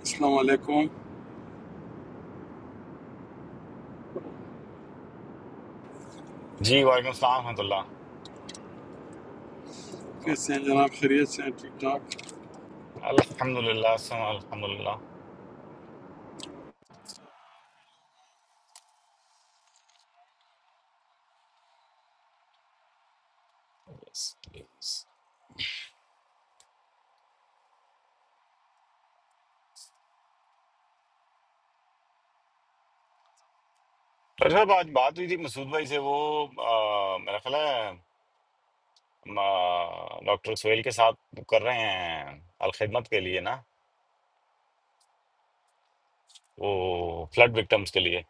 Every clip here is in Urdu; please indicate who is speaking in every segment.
Speaker 1: السلام علیکم
Speaker 2: جی وعلیکم السلام ورحمۃ اللہ سلام۔
Speaker 1: کیسے ہیں جناب خیریت سے ہیں ٹھیک ٹھاک
Speaker 2: الحمد للہ الحمد للہ ڈاکٹر صاحب آج بات ہوئی تھی مسعود بھائی سے وہ آ، میرا خیال ہے ہم، آ، ڈاکٹر سہیل کے ساتھ وہ کر رہے ہیں الخدمت کے لیے نا وہ فلڈ وکٹمس کے لیے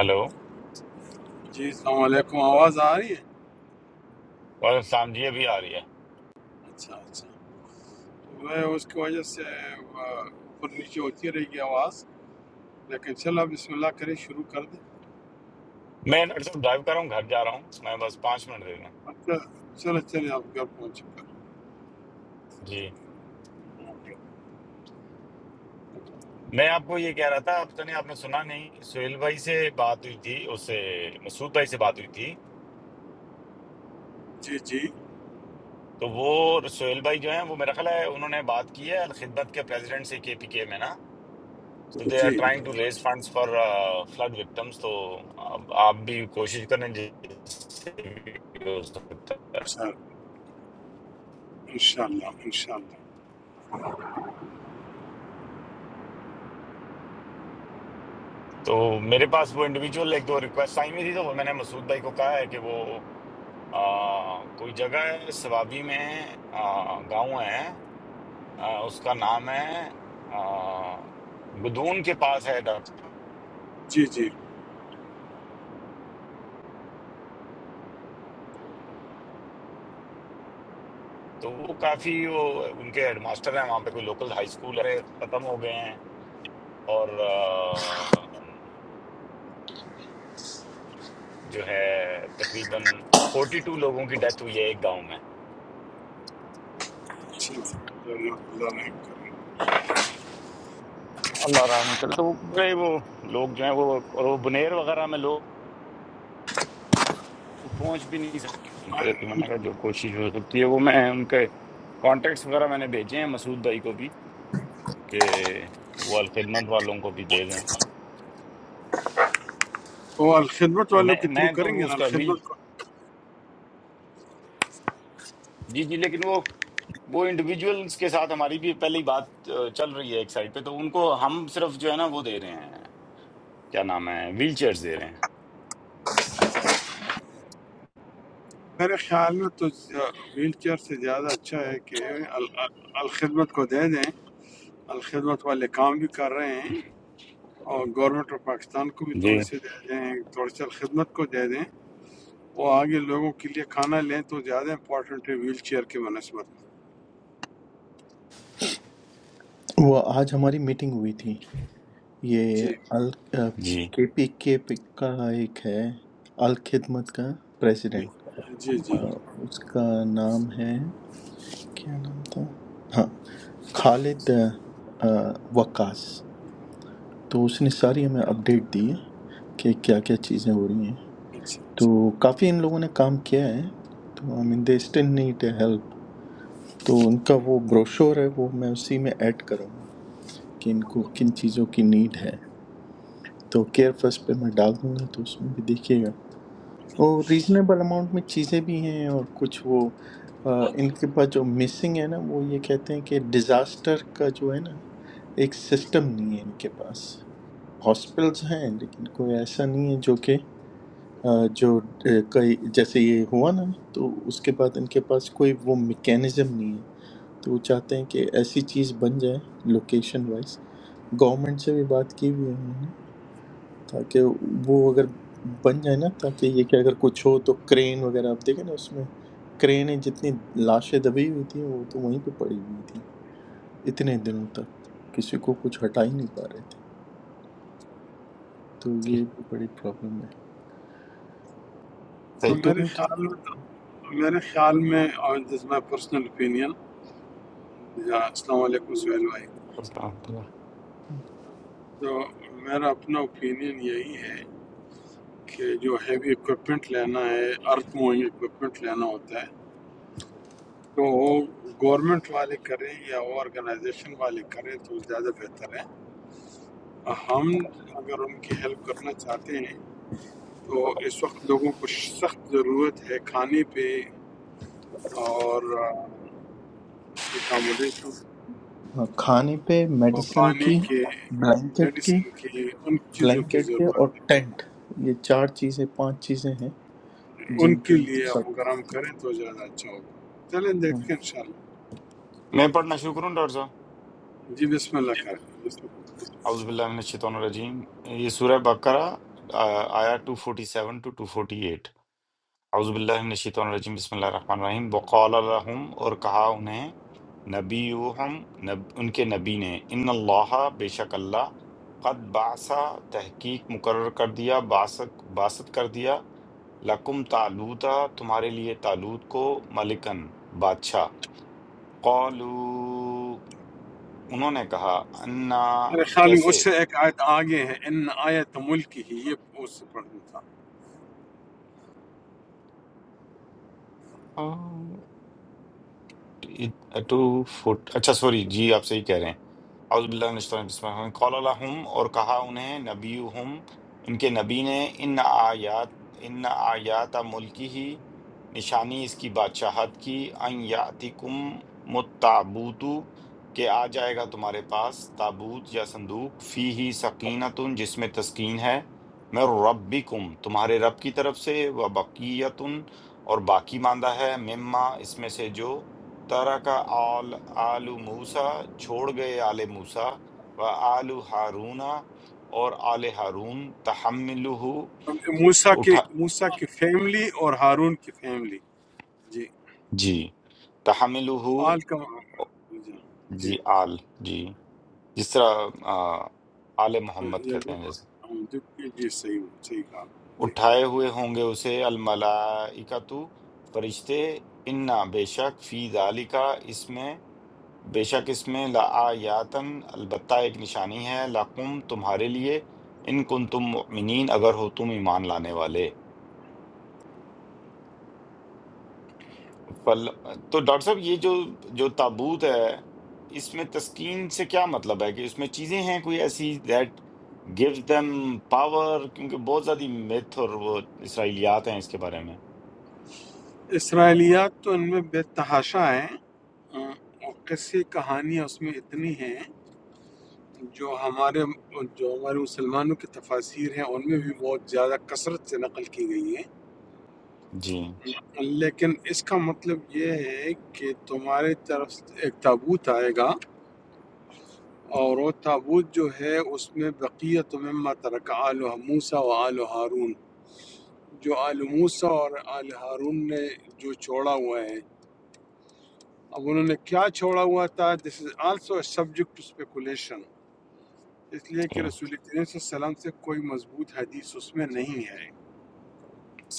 Speaker 2: ہلو وعلیکم
Speaker 1: جی السلام علیکم آواز آ رہی ہے
Speaker 2: السلام جی ابھی آ رہی ہے
Speaker 1: اچھا اچھا وہ اس کی وجہ سے آ، اوپر نیچے ہوتی رہے گی آواز لیکن چلو آپ بسم اللہ کریں شروع کر دیں
Speaker 2: میں ڈاکٹر صاحب ڈرائیو کر رہا ہوں گھر جا رہا ہوں میں بس پانچ منٹ دے دیں
Speaker 1: اچھا چلو چلیں آپ گھر پہنچ چکے ہیں۔
Speaker 2: جی میں آپ کو یہ کہہ رہا تھا آپ نے آپ نے سنا نہیں سہیل بھائی سے بات ہوئی تھی اس سے مسعود بھائی سے بات ہوئی تھی
Speaker 1: جی
Speaker 2: تو وہ سہیل بھائی جو ہیں وہ میرا خیال ہے انہوں نے بات کی ہے الخدمت کے پریزیڈنٹ سے کے پی کے میں نا تو دے آر
Speaker 1: جی
Speaker 2: ٹرائنگ ٹو
Speaker 1: جی
Speaker 2: raise funds for flood victims تو اب آپ بھی کوشش کریں جس سے بھی ہو سکتا ہے
Speaker 1: سر انشاءاللہ انشاءاللہ
Speaker 2: تو میرے پاس وہ انڈیویجول ایک دو ریکویسٹ آئی ہوئی تھی تو وہ میں نے مسعود بھائی کو کہا ہے کہ وہ آ، کوئی جگہ ہے سوابی میں آ، گاؤں ہے آ، اس کا نام ہے آ، گدون کے پاس ہے
Speaker 1: جی جی
Speaker 2: تو وہ کافی وہ ان کے ہیڈ ماسٹر ہیں وہاں پہ کوئی لوکل ہائی اسکول ہے ختم ہو گئے ہیں اور آ، جو ہے تقریباً فورٹی ٹو لوگوں کی ڈیتھ ہوئی ہے ایک گاؤں میں
Speaker 1: چلو اللہ رحم کریں
Speaker 2: اللہ رحم کرے تو وہ بڑے وہ لوگ جو ہیں وہ اور وہ بنیر وغیرہ میں لوگ پہنچ بھی نہیں سکتے تو میں نے کہا جو کوشش ہو سکتی ہے وہ میں ان کے کانٹیکٹس وغیرہ میں نے بھیجے ہیں مسعود بھائی کو بھی کہ وہ الخدمت والوں کو بھی دے دیں
Speaker 1: اور الخدمت
Speaker 2: میں
Speaker 1: والوں کے تھرو
Speaker 2: میں تو
Speaker 1: کریں گے
Speaker 2: وہ
Speaker 1: نا
Speaker 2: اس کا ابھی
Speaker 1: الخدمت
Speaker 2: جی جی لیکن وہ وہ انڈیویجولس کے ساتھ ہماری بھی پہلے ہی بات آ، چل رہی ہے ایک سائڈ پہ تو ان کو ہم صرف جو ہے نا وہ دے رہے ہیں کیا نام ہے ویل چیئرز دے رہے ہیں
Speaker 1: میرے خیال میں تو ویل چیئر سے زیادہ اچھا ہے کہ ال- ال- الخدمت کو دے دیں الخدمت والے کام بھی کر رہے ہیں اور گورنمنٹ آف پاکستان کو بھی
Speaker 2: جی
Speaker 1: تھوڑے سے دے دیں تھوڑے سے الخدمت کو دے دیں وہ آگے لوگوں کے لیے کھانا لیں تو زیادہ امپورٹنٹ ہے ویل چیئر کے بنسبت
Speaker 3: وہ آج ہماری میٹنگ ہوئی تھی یہ
Speaker 1: جی
Speaker 2: جی
Speaker 3: کے پی کے کا ایک ہے الخدمت کا پریزیڈنٹ
Speaker 1: جی جی
Speaker 3: اس کا نام ہے کیا نام تھا ہاں خالد آ، وقاص تو اس نے ساری ہمیں اپڈیٹ دی ہے کہ کیا کیا چیزیں ہو رہی ہیں
Speaker 1: اچھا اچھا
Speaker 3: تو کافی ان لوگوں نے کام کیا ہے تو I mean they still need help تو ان کا وہ بروشور ہے وہ میں اسی میں ایڈ کروں گا کہ ان کو کن چیزوں کی نیڈ ہے تو کیئر فرسٹ پہ میں ڈال دوں گا تو اس میں بھی دیکھیے گا اور ریزنیبل اماؤنٹ میں چیزیں بھی ہیں اور کچھ وہ آ، ان کے پاس جو مسنگ ہے نا وہ یہ کہتے ہیں کہ ڈیزاسٹر کا جو ہے نا ایک سسٹم نہیں ہے ان کے پاس ہاسپٹلس ہیں لیکن کوئی ایسا نہیں ہے جو کہ آ، جو آ، کئی جیسے یہ ہوا نا تو اس کے بعد ان کے پاس کوئی وہ میکینزم نہیں ہے تو وہ چاہتے ہیں کہ ایسی چیز بن جائے لوکیشن وائز گورنمنٹ سے بھی بات کی ہوئی ہے انہوں نے تاکہ وہ اگر بن جائے نا تاکہ یہ کہ اگر کچھ ہو تو کرین وغیرہ آپ دیکھیں نا اس میں کرینیں جتنی لاشیں دبی ہوئی تھیں وہ تو وہیں پہ پڑی ہوئی تھی اتنے دنوں تک کسی کو کچھ ہٹا ہی نہیں پا رہے تھے تو یہ بھی بڑی پرابلم ہے تو
Speaker 1: تو
Speaker 2: صحیح
Speaker 1: میرے
Speaker 3: دونوں تھے،
Speaker 1: خیال میں میرے خیال میں اور دس مائی پرسنل اوپینین السلام علیکم سہیل بھائی
Speaker 2: السلام علیکم۔
Speaker 1: تو میرا اپنا اوپینین یہی ہے کہ جو ہیوی اکوپمنٹ لینا ہے ارتھ موونگ اکوپمنٹ لینا ہوتا ہے تو گورنمنٹ والے کریں یا وہ آرگنائزیشن والے کریں تو زیادہ بہتر ہے ہم اگر ان کی ہیلپ کرنا چاہتے ہیں تو اس وقت لوگوں کو سخت ضرورت ہے کھانے پہ اور اکاموڈیشن
Speaker 3: ہاں، کھانے پہ
Speaker 1: اور
Speaker 3: میڈیسن
Speaker 1: پانی
Speaker 3: کی
Speaker 1: کے
Speaker 3: بلینکٹ کی
Speaker 1: میڈیسن کی ان چیزوں کی
Speaker 3: بلینکٹ کے
Speaker 1: ضرورت
Speaker 3: اور
Speaker 1: ہے
Speaker 3: ٹینٹ یہ چار چیزیں پانچ چیزیں ہیں
Speaker 1: ان
Speaker 3: جن
Speaker 1: کے
Speaker 3: کی ان کو
Speaker 1: لیے ہم
Speaker 3: سب
Speaker 1: اگر ہم کریں تو زیادہ اچھا ہوگا چلیں دیکھتے
Speaker 3: ہوں۔
Speaker 1: ہیں انشاءاللہ
Speaker 2: میں پڑھنا شروع کروں ڈاکٹر صاحب
Speaker 1: جی بسم اللہ کریں بسم اللہ۔
Speaker 2: اعوذ باللہ من الشیطان الرجیم یہ سورہ بقرہ آ، آیا 247 ٹو 248 اعوذ باللہ من الشیطان الرجیم بسم اللہ الرحمن الرحیم وقال لهم اور کہا انہیں نبیہم نب ان کے نبی نے ان اللہ بے شک اللہ قد بعثا تحقیق مقرر کر دیا باسط باسط کر دیا لکم تالوتا تمہارے لیے تالوت کو ملکن بادشاہ قالو انہوں نے کہا انا
Speaker 1: میرے خیال میں اس
Speaker 2: کیسے
Speaker 1: سے ایک آیت آگے ہے ان آیت ملک ہی یہ اس سے پڑھنا تھا
Speaker 2: ٹو فٹ اچھا سوری جی آپ صحیح کہہ رہے ہیں اعوذ باللہ من الشیطان بسم اللہ الرحمن الرحیم۔ قال لهم اور کہا انہیں نبیہم ان کے نبی نے ان آیات ان آیات ملکی ہی نشانی اس کی بادشاہت کی ان یاتکم متابوتو کہ آ جائے گا تمہارے پاس تابوت یا صندوق فی ہی سکینتن جس میں تسکین ہے میں ربکم تمہارے رب کی طرف سے و بقیتن اور باقی ماندہ ہے مما اس میں سے جو تَرَکَ آل آلُ موسیٰ چھوڑ گئے آل موسیٰ و آل ہارون اور آل ہارون تحملہ
Speaker 1: موسیٰ کے
Speaker 2: اٹھا
Speaker 1: موسیٰ کی فیملی اور ہارون کی فیملی جی
Speaker 2: جی تحملہ
Speaker 1: آل کا جی
Speaker 2: جی
Speaker 1: جی
Speaker 2: آل جی جس طرح آ، آل محمد
Speaker 1: یہ
Speaker 2: کہتے ہیں
Speaker 1: بالکل-
Speaker 2: جیسے
Speaker 1: ہم- جی جی، صحیح صحیح کہا جی
Speaker 2: اٹھائے ہوئے ہوں گے اسے الملائکتو فرشتے انا بے شک فی ذالکا اس میں بے شک اس میں لآیاتن البتہ ایک نشانی ہے لقم تمہارے لیے ان کن تم مؤمنین اگر ہو تم ایمان لانے والے فل تو ڈاکٹر صاحب یہ جو جو تابوت ہے اس میں تسکین سے کیا مطلب ہے کہ اس میں چیزیں ہیں کوئی ایسی دیٹ گیوز دیم پاور کیونکہ بہت زیادہ میتھ اور وہ اسرائیلیات ہیں اس کے بارے میں
Speaker 1: اسرائیلیات تو ان میں بے تحاشا ہیں ہاں، اور قصے کہانیاں اس میں اتنی ہیں جو ہمارے جو ہمارے مسلمانوں کی تفاسیر ہیں ان میں بھی بہت زیادہ کثرت سے نقل کی گئی ہیں
Speaker 2: جی
Speaker 1: لیکن اس کا مطلب یہ ہے کہ تمہارے طرف سے ایک تابوت آئے گا اور وہ تابوت جو ہے اس میں بقیت مما ترک آل موسیٰ و آل ہارون جو آل موسیٰ اور آل ہارون نے جو چھوڑا ہوا ہے اب انہوں نے کیا چھوڑا ہوا تھا this is also a subject to speculation اس لیے کہ
Speaker 2: صحیح
Speaker 1: رسول کریم صلی اللہ علیہ وسلم سے کوئی مضبوط حدیث اس میں نہیں ہے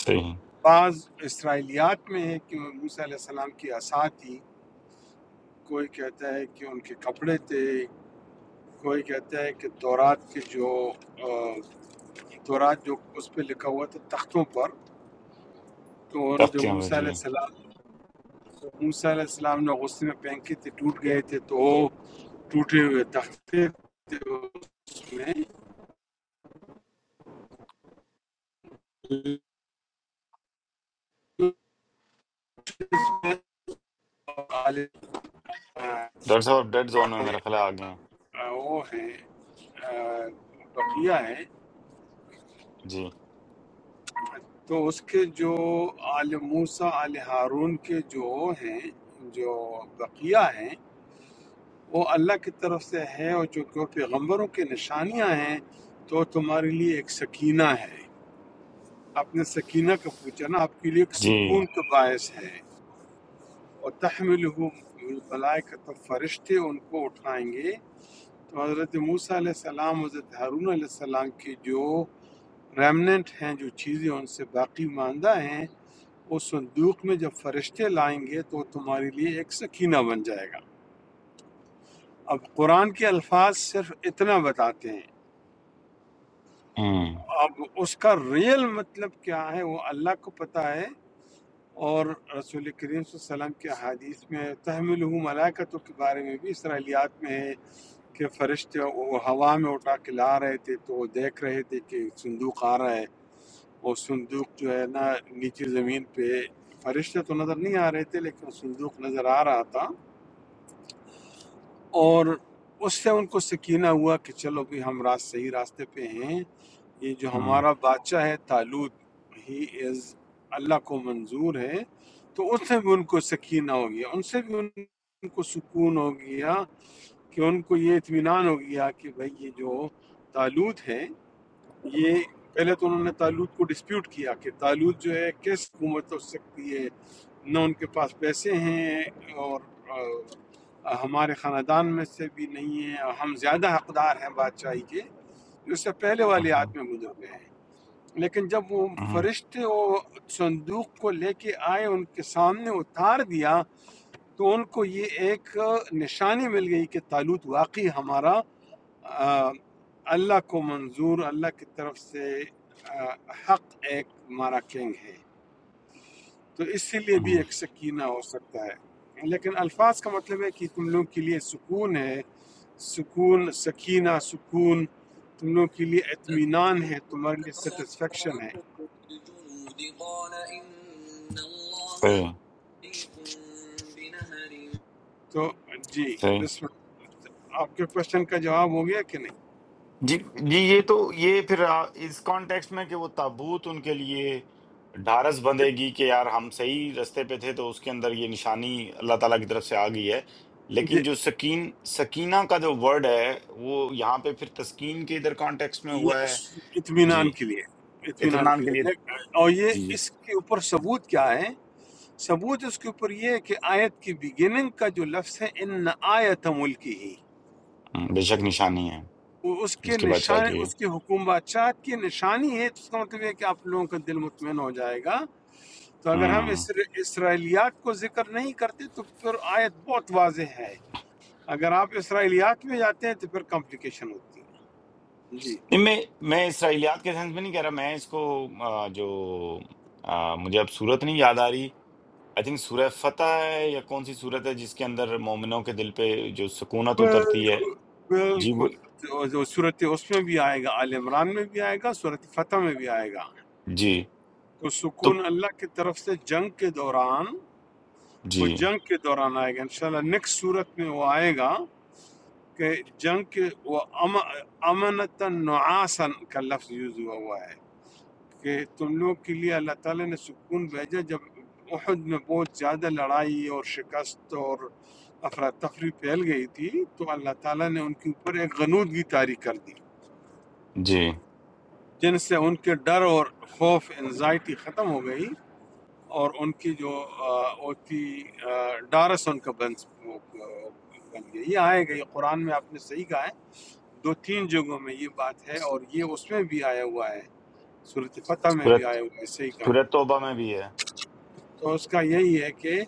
Speaker 2: صحیح
Speaker 1: بعض اسرائیلیات میں ہے کہ موسیٰ علیہ السلام کی عصا تھی کوئی کہتا ہے کہ ان کے کپڑے تھے کوئی کہتا ہے کہ تورات کے جو آ، تورات جو اس پہ لکھا ہوا تھا تختوں پر تو ان جو
Speaker 2: تختیاں ہوئے،
Speaker 1: موسیٰ
Speaker 2: جی
Speaker 1: علیہ السلام موسیٰ علیہ السلام نے غصے میں پھینکے تھے ٹوٹ گئے تھے تو وہ ٹوٹے ہوئے تختے تھے اس میں آ،
Speaker 2: ڈاکٹر صاحب ڈیڈ زون میں میرے خیال ہے آگے ہیں
Speaker 1: آ، وہ ہیں آ، بقیہ ہیں
Speaker 2: جی
Speaker 1: تو اس کے جو آل موسیٰ آل ہارون کے جو ہیں جو بقیہ ہیں وہ اللہ کی طرف سے ہے اور جو جو پیغمبروں کی نشانیاں ہیں تو تمہارے لیے ایک سکینہ ہے اپنے سکینہ کا پوچھنا آپ کے لیے ایک
Speaker 2: جی
Speaker 1: سکون کا باعث ہے اور تحمل تو فرشتے ان کو اٹھائیں گے تو حضرت موسیٰ علیہ السلام حضرت ہارون علیہ السلام کی جو ریمننٹ ہیں جو چیزیں ان سے باقی ماندہ ہیں اس صندوق میں جب فرشتے لائیں گے تو وہ تمہارے لیے ایک سکینہ بن جائے گا اب قرآن کے الفاظ صرف اتنا بتاتے ہیں
Speaker 2: ہوں
Speaker 1: اب اس کا ریئل مطلب کیا ہے وہ اللہ کو پتہ ہے اور رسول کریم صلی اللہ علیہ وسلم کے حدیث میں تحمل ملائکتوں کے بارے میں بھی اسرائیلیات میں ہے کہ فرشتے وہ ہوا میں اٹھا کے لا رہے تھے تو وہ دیکھ رہے تھے کہ صندوق آ رہا ہے وہ صندوق جو ہے نا نیچے زمین پہ فرشتے تو نظر نہیں آ رہے تھے لیکن صندوق نظر آ رہا تھا اور اس سے ان کو سکینہ ہوا کہ چلو بھی ہم راست صحیح راستے پہ ہیں یہ جو
Speaker 2: ہوں
Speaker 1: ہمارا بادشاہ ہے تالوت ہی از اللہ کو منظور ہے تو اس سے بھی ان کو سکینہ ہو گیا ان سے بھی ان کو سکون ہو گیا کہ ان کو یہ اطمینان ہو گیا کہ بھائی یہ جو تالوت ہے یہ پہلے تو انہوں نے تالوت کو ڈسپیوٹ کیا کہ تالوت جو ہے کیسے حکومت ہو سکتی ہے نہ ان کے پاس پیسے ہیں اور آ، ہمارے خاندان میں سے بھی نہیں ہیں ہم زیادہ حقدار ہیں بادشاہی کے جو اس سے پہلے والے آیت میں گزر گئے ہیں لیکن جب وہ
Speaker 2: ہوں
Speaker 1: فرشتے وہ صندوق کو لے کے آئے ان کے سامنے اتار دیا تو ان کو یہ ایک نشانی مل گئی کہ تالوت واقعی ہمارا آ، اللہ کو منظور اللہ کی طرف سے آ، حق ایک ہمارا کنگ ہے تو اسی لیے بھی
Speaker 2: ہوں،
Speaker 1: ایک سکینہ ہو سکتا ہے لیکن الفاظ کا مطلب ہے کہ تم لوگوں کے لیے سکون ہے سکون سکینہ سکون تم لوگوں کے لیے اطمینان ہے تمہارے لیے سیٹسفیکشن ہے
Speaker 3: الجنود قال إن الله
Speaker 2: صحیح
Speaker 3: مبتليكم بنهر
Speaker 1: تو جی
Speaker 2: صحیح
Speaker 1: بسم اللہ آپ کے کوشچن کا جواب ہو گیا کہ نہیں
Speaker 2: جی جی یہ تو یہ پھر آ- اس کانٹیکسٹ میں کہ وہ تابوت ان کے لیے ڈھارس بندھے گی کہ یار ہم صحیح رستے پہ تھے تو اس کے اندر یہ نشانی اللہ تعالیٰ کی طرف سے آ گئی ہے
Speaker 1: جی
Speaker 2: لیکن جو سکین سکینہ کا جو ورڈ ہے وہ یہاں پہ پھر تسکین کے ادھر کانٹیکسٹ میں ہوا
Speaker 1: یہ
Speaker 2: ہے جی
Speaker 1: اطمینان کے لیے اطمینان
Speaker 2: اطمینان
Speaker 1: کے
Speaker 2: کے
Speaker 1: لیے
Speaker 2: لیے
Speaker 1: لیکن- اور یہ
Speaker 2: جی جی
Speaker 1: اس کے اوپر ثبوت کیا ہے ثبوت اس کے اوپر یہ ہے کہ آیت کی بگننگ کا جو لفظ ہے ان آیت ملکی ہی
Speaker 2: ہوں، بے شک نشانی ہے
Speaker 1: وہ اس
Speaker 2: اس
Speaker 1: کے
Speaker 2: کے بعد چاہ
Speaker 1: نشان اس کی حکومت کی نشانی ہے تو اس کا مطلب یہ ہے کہ آپ لوگوں کا دل مطمئن ہو جائے گا تو اگر ہم
Speaker 2: کے
Speaker 1: اسر... اسرائیلیات کو ذکر نہیں کرتے تو پھر آیت بہت واضح ہے اگر آپ اسرائیلیات میں جاتے ہیں تو پھر کمپلیکیشن ہوتی ہے جی
Speaker 2: نہیں، میں میں اسرائیلیات کے سینس میں نہیں کہہ رہا میں اس کو آ، جو آ، مجھے اب صورت نہیں یاد آ رہی آئی تھنک سورہ فتح ہے یا کون سی صورت ہے جس کے اندر مومنوں کے دل پہ جو سکونت اترتی ہے
Speaker 1: بالکل
Speaker 2: جی وہ
Speaker 1: بالکل تو جو صورت اس میں بھی آئے گا آل عمران میں بھی آئے گا صورت فتح میں بھی آئے گا
Speaker 2: جی
Speaker 1: تو
Speaker 2: تو
Speaker 1: سکون اللہ کی طرف سے جنگ کے دوران وہ
Speaker 2: جی
Speaker 1: جنگ کے دوران آئے گا انشاءاللہ نیکسٹ صورت میں وہ آئے گا کہ جنگ کے وہ امنتا نعاسن کا لفظ یوز ہوا ہوا ہے کہ تم لوگ کے لیے اللہ تعالیٰ نے سکون بھیجا جب احد میں بہت زیادہ لڑائی اور شکست اور افراتفری پھیل گئی تھی تو اللہ تعالیٰ نے ان کے اوپر ایک غنودگی طاری کر دی
Speaker 2: جی
Speaker 1: جن سے ان کے ڈر اور خوف انزائٹی ختم ہو گئی اور ان کی جو آ، وہ تھی آ، ڈارس ان کا بن وہ بن گئی یہ آئے گا یہ قرآن میں آپ نے صحیح کہا ہے دو تین جگہوں میں یہ بات ہے اور یہ اس میں بھی آیا ہوا ہے صورت فتح میں بھی
Speaker 2: سورت
Speaker 1: آیا ہوا ہے صحیح کم
Speaker 2: سورت توبہ میں بھی ہے
Speaker 1: تو اس کا یہی ہے کہ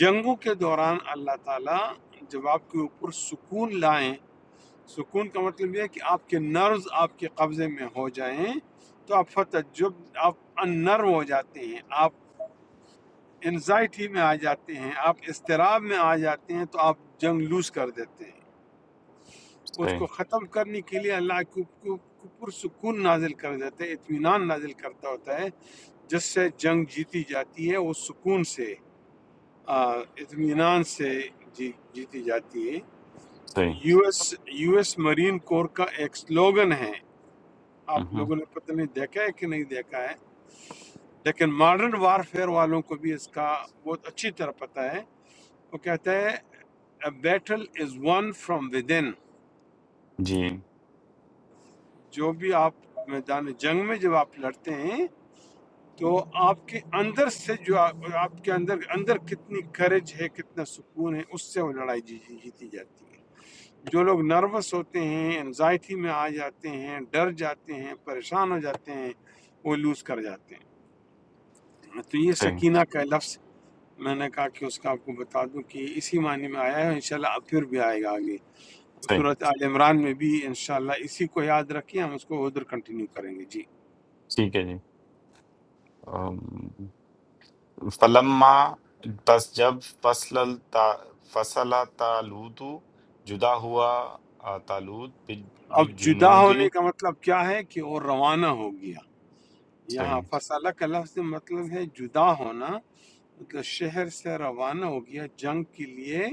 Speaker 1: جنگوں کے دوران اللہ تعالیٰ جب آپ کے اوپر سکون لائیں سکون کا مطلب یہ ہے کہ آپ کے نروز آپ کے قبضے میں ہو جائیں تو آپ فتعجب آپ ان نرو ہو جاتے ہیں آپ انزائٹی میں آ جاتے ہیں آپ اضطراب میں آ جاتے ہیں تو آپ جنگ لوز کر دیتے ہیں اس
Speaker 2: صحیح
Speaker 1: کو ختم کرنے کے لیے اللہ کو کو- کو پرسکون نازل کر دیتے ہیں اطمینان نازل کرتا ہوتا ہے جس سے جنگ جیتی جاتی ہے وہ سکون سے آ، اطمینان سے جی- جیتی جاتی ہے
Speaker 2: صحیح
Speaker 1: US US Marine Corps کا ایک سلوگن ہے آپ
Speaker 2: مہم،
Speaker 1: لوگوں نے پتہ نہیں دیکھا ہے کہ نہیں دیکھا ہے لیکن ماڈرن وار فیئر والوں کو بھی اس کا بہت اچھی طرح پتہ ہے وہ کہتا ہے battle is won from within
Speaker 2: جی
Speaker 1: جو بھی آپ میدان جنگ میں جب آپ لڑتے ہیں تو آپ کے اندر سے جو آپ, آپ کے اندر اندر کتنی کریج ہے کتنا سکون ہے اس سے وہ لڑائی جی, جی, جیتی جاتی ہے جو لوگ نروس ہوتے ہیں انزائٹی میں آ جاتے ہیں ڈر جاتے ہیں پریشان ہو جاتے ہیں وہ لوز کر جاتے ہیں تو یہ
Speaker 2: صحیح
Speaker 1: سکینہ کا لفظ میں نے کہا کہ اس کا آپ کو بتا دوں کہ اسی معنی میں آیا ہے انشاءاللہ اب پھر بھی آئے گا آگے
Speaker 2: صحیح
Speaker 1: صورت آل عمران میں بھی انشاءاللہ اسی کو یاد رکھیں ہم اس کو ادھر کنٹینیو کریں گے جی
Speaker 2: ٹھیک ہے جی فلما پس جب فصل التا فصل تالوت جدا ہوا آ، تالوت
Speaker 1: اب
Speaker 2: بج
Speaker 1: جدا
Speaker 2: جنودی
Speaker 1: ہونے کا مطلب کیا ہے کہ وہ روانہ ہو گیا یہاں
Speaker 2: صحیح
Speaker 1: فصلہ کا لفظ مطلب ہے جدا ہونا مطلب شہر سے روانہ ہو گیا جنگ کے لیے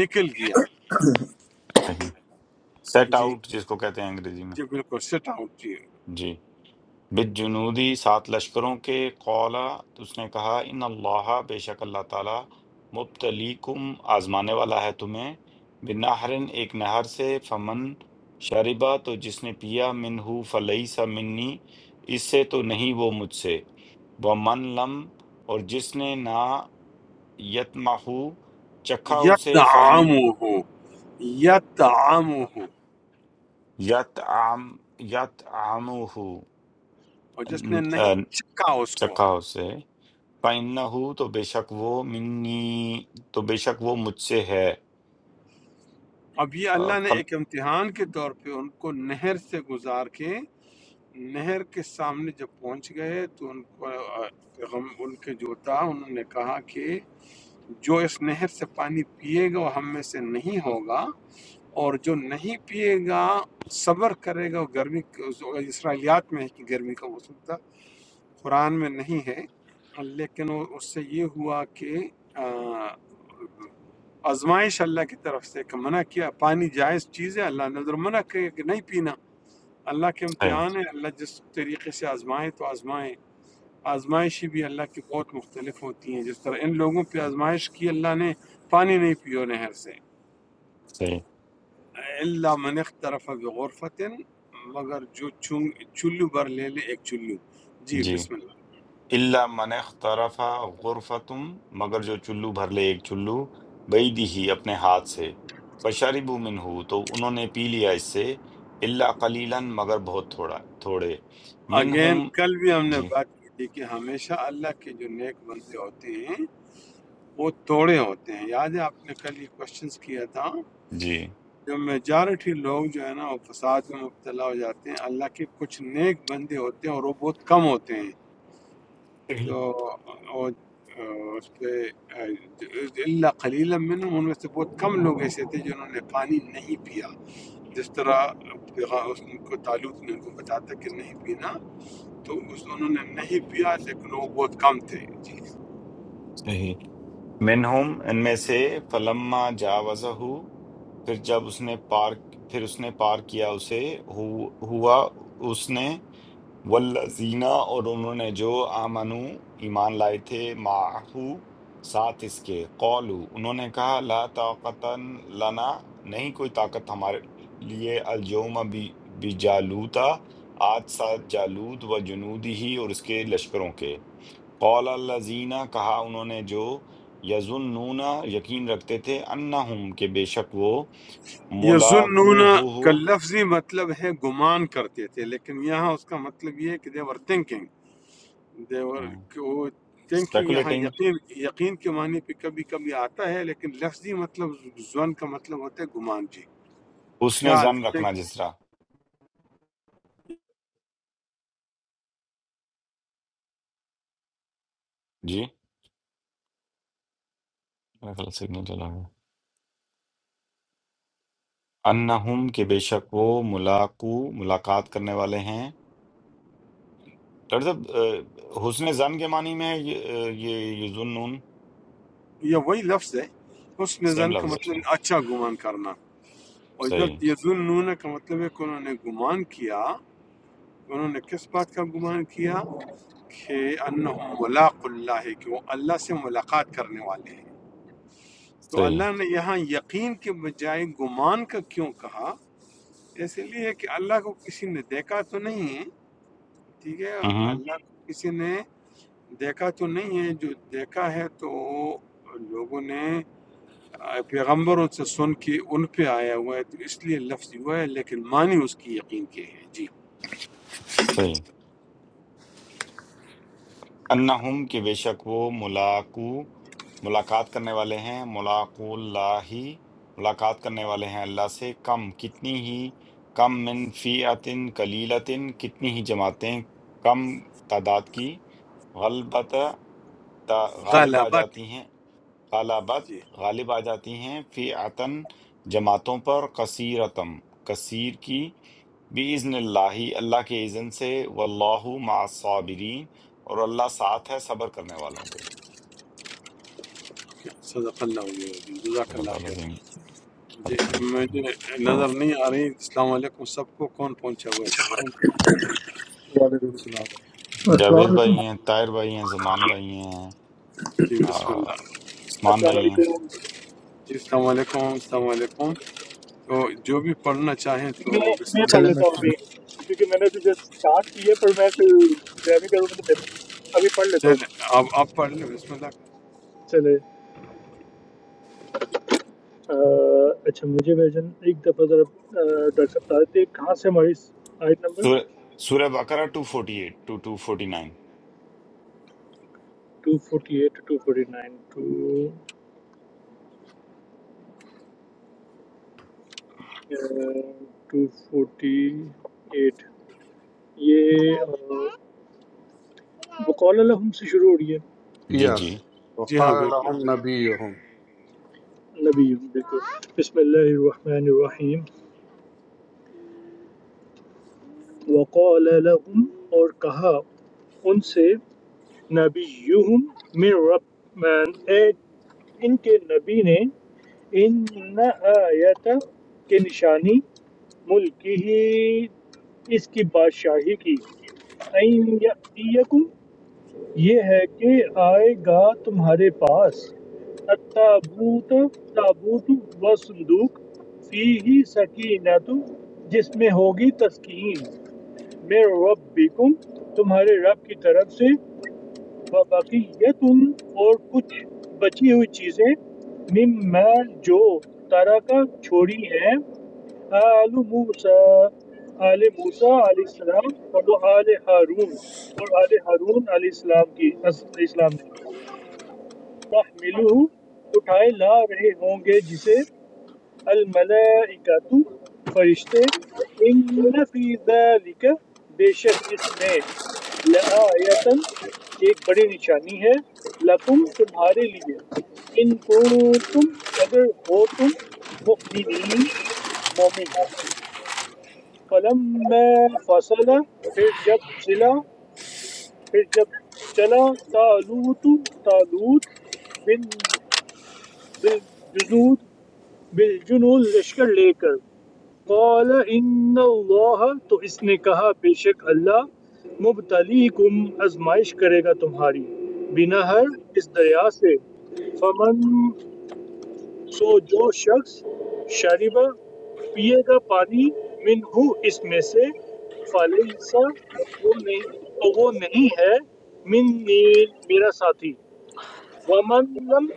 Speaker 1: نکل گیا
Speaker 2: صحیح سیٹ
Speaker 1: جی
Speaker 2: آؤٹ جس کو کہتے ہیں انگریزی میں
Speaker 1: جی بالکل سٹ آؤٹ جی
Speaker 2: جی بالجنودی سات لشکروں کے قولا اس نے کہا ان اللہ بے شک اللہ تعالی مبتلیکم آزمانے والا ہے تمہیں بنہرن ایک نہر سے فمن شربا تو جس نے پیا منہو فلیسا منی اس سے تو نہیں وہ مجھ سے ومن لم اور جس نے نہ یتمہو چکھا اسے فائن
Speaker 1: یتعامہ ہو یتعامہ ہو
Speaker 2: یت عام یت عامو
Speaker 1: اور جس نے نہیں چکا اس کو
Speaker 2: چکھا اسے فَإِنَّهُ تو بے شک وہ منی تو بے شک وہ مجھ سے ہے
Speaker 1: اب یہ
Speaker 2: آ،
Speaker 1: اللہ نے
Speaker 2: فل
Speaker 1: ایک امتحان کے طور پہ ان کو نہر سے گزار کے نہر کے سامنے جب پہنچ گئے تو ان کو آ، غم ان کے جو تھا انہوں نے کہا کہ جو اس نہر سے پانی پیے گا وہ ہم میں سے نہیں ہوگا اور جو نہیں پیے گا صبر کرے گا وہ گرمی اسرائیلیات میں ہے کہ گرمی کا موسم تھا قرآن میں نہیں ہے لیکن وہ اس سے یہ ہوا کہ آ، آزمائش اللہ کی طرف سے کہ منع کیا پانی جائز چیز ہے اللہ نے اگر منع کرے کہ نہیں پینا اللہ کے
Speaker 2: صحیح
Speaker 1: امتحان ہے اللہ جس طریقے سے آزمائے تو آزمائے آزمائشیں بھی اللہ کی بہت مختلف ہوتی ہیں جس طرح ان لوگوں پہ آزمائش کی اللہ نے پانی نہیں پیو نہر سے
Speaker 2: صحیح
Speaker 1: اللہ من اخترف بغرفت مگر جو چنگ چلو بھر لے لے ایک چلو جی
Speaker 2: جی
Speaker 1: بسم اللہ
Speaker 2: اللہ من اخترف غرفتم مگر جو چلو بھر لے ایک چلو بعیدی ہی اپنے ہاتھ سے فشربوا منہ تو انہوں نے پی لیا اس سے اللہ قلیلا مگر بہت تھوڑا تھوڑے
Speaker 1: اگین
Speaker 2: منہم
Speaker 1: کل بھی ہم نے
Speaker 2: جی
Speaker 1: بات کی تھی کہ ہمیشہ اللہ کے جو نیک بندے ہوتے ہیں وہ توڑے ہوتے ہیں یاد ہے آپ نے کل یہ کوشچنس کیا تھا
Speaker 2: جی
Speaker 1: جو میجارٹی لوگ جو ہے نا وہ فساد میں مبتلا ہو جاتے ہیں اللہ کے کچھ نیک بندے ہوتے ہیں اور وہ بہت کم ہوتے ہیں
Speaker 2: صحیح
Speaker 1: تو وہ آ، اس پہ آ، اللہ قلیل من ان میں سے بہت کم لوگ ایسے تھے جنہوں نے پانی نہیں پیا جس طرح پیغا- اس ان کو تعلق نے ان کو بتایا تھا کہ نہیں پینا تو اس انہوں نے نہیں پیا لیکن وہ بہت کم تھے جی
Speaker 2: صحیح۔ منہم ان میں سے فلما جاوزہ پھر جب اس نے پار پھر اس نے پار کیا اسے ہو- ہوا اس نے والذین اور انہوں نے جو آمنو ایمان لائے تھے معہو ساتھ اس کے قولو انہوں نے کہا لا طاقت لنا نہیں کوئی طاقت ہمارے لیے الجوم بی بجالوتا آج ساتھ جالود و جنودی ہی اور اس کے لشکروں کے قول الذین کہا انہوں نے جو یظنون یقین رکھتے تھے انہم کہ بے شک وہ
Speaker 1: یظنون
Speaker 2: ملاقو
Speaker 1: کا لفظی مطلب ہے گمان کرتے تھے لیکن یہاں اس کا مطلب یہ ہے کہ دیور تھنکنگ دیور وہ تھنکنگ یہاں
Speaker 2: اسپیکولیٹنگ
Speaker 1: یقین یقین کے معنی پہ کبھی کبھی آتا ہے لیکن لفظی مطلب زن کا مطلب ہوتا ہے گمان جی
Speaker 2: حسن
Speaker 1: خیال
Speaker 2: زن رکھنا
Speaker 1: think
Speaker 2: جس طرح جی میرا خیال سگنل چلا گیا انہم کہ بے شک وہ ملاقو ملاقات کرنے والے ہیں ڈاکٹر صاحب اہ، حسن زن کے معنی میں ہے یہ اہ، یہ یہ ظنون
Speaker 1: یہ وہی لفظ ہے اس میں
Speaker 2: سیم
Speaker 1: زن کا
Speaker 2: لفظ ہے
Speaker 1: مطلب
Speaker 2: اچھا
Speaker 1: ہے اچھا گمان کرنا اور
Speaker 2: صحیح
Speaker 1: ادھر یظنون کا مطلب ہے کہ انہوں نے گمان کیا انہوں نے کس بات کا گمان کیا کہ انہم ملاق اللہ کہ وہ اللہ سے ملاقات کرنے والے ہیں تو
Speaker 2: صحیح
Speaker 1: اللہ نے یہاں یقین کے بجائے گمان کا کیوں کہا اس لیے کہ اللہ کو کسی نے دیکھا تو نہیں ہے ٹھیک ہے
Speaker 2: ہوں ہوں،
Speaker 1: اللہ کو کسی نے دیکھا تو نہیں ہے جو دیکھا ہے تو لوگوں نے پیغمبروں سے سن کے ان پہ آیا ہوا ہے تو اس لیے لفظ ہوا ہے لیکن معنی اس کی یقین کے ہے جی
Speaker 2: صحیح انہم کہ بے شک وہ ملاقو ملاقات کرنے والے ہیں ملاقو اللہ ہی ملاقات کرنے والے ہیں اللہ سے کم کتنی ہی کم من فیعتن کلیلتن کتنی ہی جماعتیں کم تعداد کی غلبت تا- غالب آ
Speaker 1: غلبت
Speaker 2: جاتی ہیں غلبت
Speaker 1: جی
Speaker 2: غالب آ جاتی ہیں فی عتن جماعتوں پر کثیرتم کثیر کی بِإِذْنِ اللہ اللہ کے اذن سے واللہ مع الصابرین اور اللہ ساتھ ہے صبر کرنے والوں کے
Speaker 1: صدق اللہ علیہ وسلم جزاک
Speaker 2: صدق اللہ
Speaker 1: اللہ خیر
Speaker 2: العظیم
Speaker 1: جی
Speaker 2: بارک اللہ فیکم۔
Speaker 1: مجھے نظر نہیں آ رہی السلام علیکم سب کو کون پہنچا ہوا ہے سب پہنچا
Speaker 4: وعليكم السلام
Speaker 5: السلام
Speaker 2: جاوید
Speaker 5: علیکم
Speaker 2: بھائی ہیں طاہر بھائی ہیں زمان بھائی ہیں
Speaker 1: جی
Speaker 2: آ،
Speaker 1: بسم اللہ
Speaker 2: عثمان
Speaker 1: ہاں۔
Speaker 6: السلام
Speaker 2: بھائی ہیں
Speaker 6: علیکم
Speaker 1: جی السلام علیکم السلام علیکم تو جو بھی پڑھنا چاہیں تو
Speaker 6: میں
Speaker 1: بسم
Speaker 6: میں پڑھ
Speaker 1: اللہ
Speaker 3: السلام
Speaker 6: لیتا ہوں
Speaker 3: علیکم
Speaker 6: ابھی کیونکہ میں نے ابھی جسٹ اسٹارٹ کی ہے پر میں پھر جیمی کروں گا تو میں ابھی پڑھ لیتا
Speaker 1: چلیں
Speaker 6: ہوں
Speaker 1: آپ آپ پڑھ لیں بسم اللہ
Speaker 6: چلے آ، اچھا مجھے ورژن ایک دفعہ ذرا آ، ڈاکٹر صاحب بتا دیتے ہیں کہاں سے ہماری آیت نمبر
Speaker 2: سورہ سورہ بقرہ 248 to 249
Speaker 6: 248 to 249 to two forty eight یہ بقول الحم سے شروع ہو رہی
Speaker 2: جی جی
Speaker 4: يس
Speaker 1: جی ہاں
Speaker 4: وقال
Speaker 1: بالکل
Speaker 4: لهم نبيهم
Speaker 6: ہے نبی ہوں، بالکل بسم اللہ الرحمن الرحیم وَقَالَ لَهُمْ اور کہا ان سے نبیہم من رب اے ان کے نبی نے ان آیت کے نشانی ملک ہی اس کی بادشاہی کی این یأتیکم یہ ہے کہ آئے گا تمہارے پاس التابوت تابوت و صندوق فی ہی سکینت جس میں ہوگی تسکین من ربکم تمہارے رب کی طرف سے و تم اور کچھ بچی ہوئی چیزیں مما جو ترکہ چھوڑی ہیں آل موسیٰ آل موسیٰ علیہ السلام اور آل ہارون اور آل ہارون علیہ السلام کی علیہ السلام نے تحملہ اٹھائے لا رہے ہوں گے جسے الملائکۃ فرشتے ان فی ذالک بے شک اس میں لآیتن ایک بڑی نشانی ہے لکم تمہارے لیے ان کو تم اگر ہو تم مؤمنین مومن فلما فصل پھر جب چلا پھر جب چلا تالوت تالوت بن بالجنود بالجنود لشکر لے کر قال ان اللہ تو اس نے کہا بے شک اللہ مبتلیکم آزمائش کرے گا تمہاری بنہر اس دریا سے فمن سو جو شخص شریبا پیے گا پانی من ہو اس میں سے فلیسا وہ نہیں تو وہ نہیں ہے منی میرا ساتھی ومن لم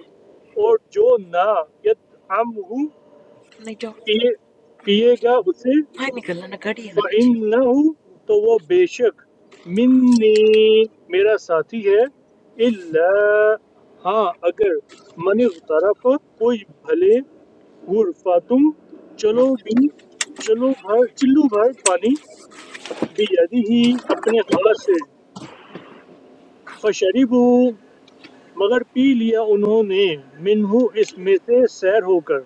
Speaker 6: اور جو نہ یتعمہ
Speaker 1: نہیں جاؤ
Speaker 6: پیے پیے گا اسے
Speaker 1: باہر نکلنا نہ گاڑی ہے نا پیچھے
Speaker 6: فَإِنَّهُ تو وہ بے شک منی میرا ساتھی ہے اللہ ہاں اگر من طرف کوئی بھلے غرفہ تم چلو بھی چلو بھر چلو بھر پانی بھی یدی ہی اپنے ہاتھ سے فشریبو مگر پی لیا انہوں نے منہو اس میں سے سیر ہو کر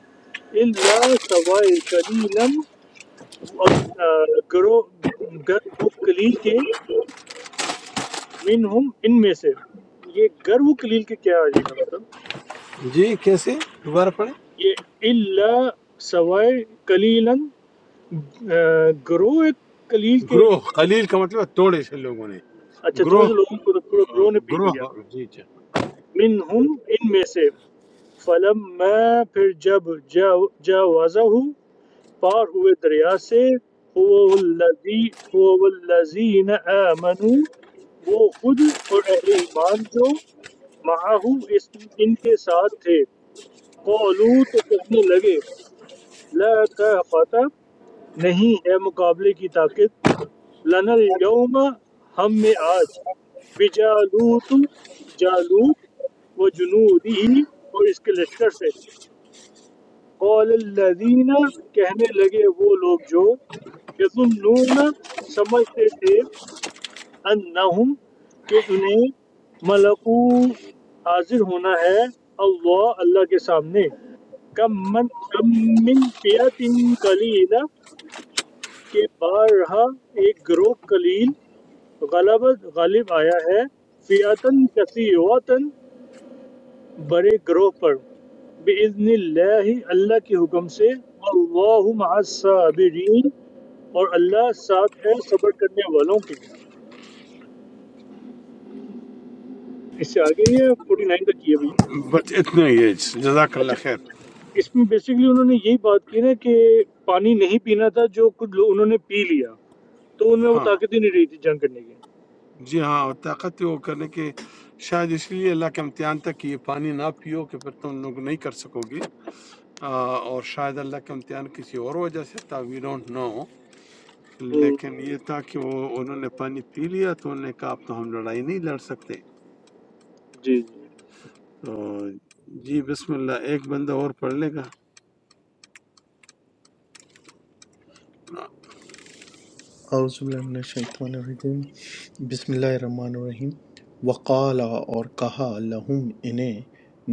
Speaker 6: اللہ سوائے کلیلم گرو گر وہ کلیل کے منہم ان میں سے یہ گر و کلیل کے کیا آ جائے گا مطلب
Speaker 1: جی کیسے دوبارہ پڑھیں
Speaker 6: یہ اللہ سوائے کلیلن آہ، گروہ کلیل کے
Speaker 1: گروہ قلیل کا مطلب ہے توڑے سے لوگوں نے
Speaker 6: اچھا تھوڑے
Speaker 1: گروہ
Speaker 6: سے لوگوں کو تو پورا گروہ نے پی لیا
Speaker 1: گروہ جی جی
Speaker 6: منہم ان میں سے فلم میں پھر جب جاوازہ ہوں پار ہوئے دریا سے هو الذی هو الذین آمنوا وہ خود اور اہل ایمان جو معاہو اس ان کے ساتھ تھے قولو تو کہنے لگے لا طاقت نہیں ہے مقابلے کی طاقت لنا الیوم ہم میں آج بجالوت جالوت و جنودی اور اس کے لشکر سے قول الذین کہنے لگے وہ لوگ جو یظنون سمجھتے تھے انہم کہ انہیں ملکو حاضر ہونا ہے اللہ اللہ کے سامنے كم من كم من فئة قليلة کے بارہا ایک گروہ قلیل غلبت غالب آیا ہے فئتن کثیرتن بڑے گروہ پر بإذن اللہ اللہ کے حکم سے واللہ مع الصابرین اور اللہ ساتھ ہے صبر کرنے والوں کے اس سے آگے یہ 49 تک کی ابھی
Speaker 1: بس اتنا ہی ہے جزاک
Speaker 6: اچھا
Speaker 1: اللہ خیر
Speaker 6: اس میں بیسیکلی انہوں نے یہی بات کی نا کہ پانی نہیں پینا تھا جو کچھ لوگ انہوں نے پی لیا تو ان میں وہ
Speaker 1: ہاں
Speaker 6: طاقت ہی نہیں رہی تھی جنگ کرنے کی
Speaker 1: جی ہاں اور طاقت وہ کرنے کے شاید اس لیے اللہ کے امتحان تک کہ یہ پانی نہ پیو کہ پھر تم لوگ نہیں کر سکو گے آ، اور شاید اللہ کا امتحان کسی اور وجہ سے تھا وی ڈونٹ نو
Speaker 6: हम्म,
Speaker 1: لیکن یہ تھا کہ وہ انہوں نے پانی پی لیا تو انہوں نے کہا اب تو ہم لڑائی نہیں لڑ سکتے
Speaker 6: जी, जी।
Speaker 1: تو جی بسم اللہ ایک بندہ اور پڑھ لے گا
Speaker 3: اعوذ باللہ من الشیطان الرجیم بسم اللہ الرحمن الرحیم وقال اور کہا لہم انہیں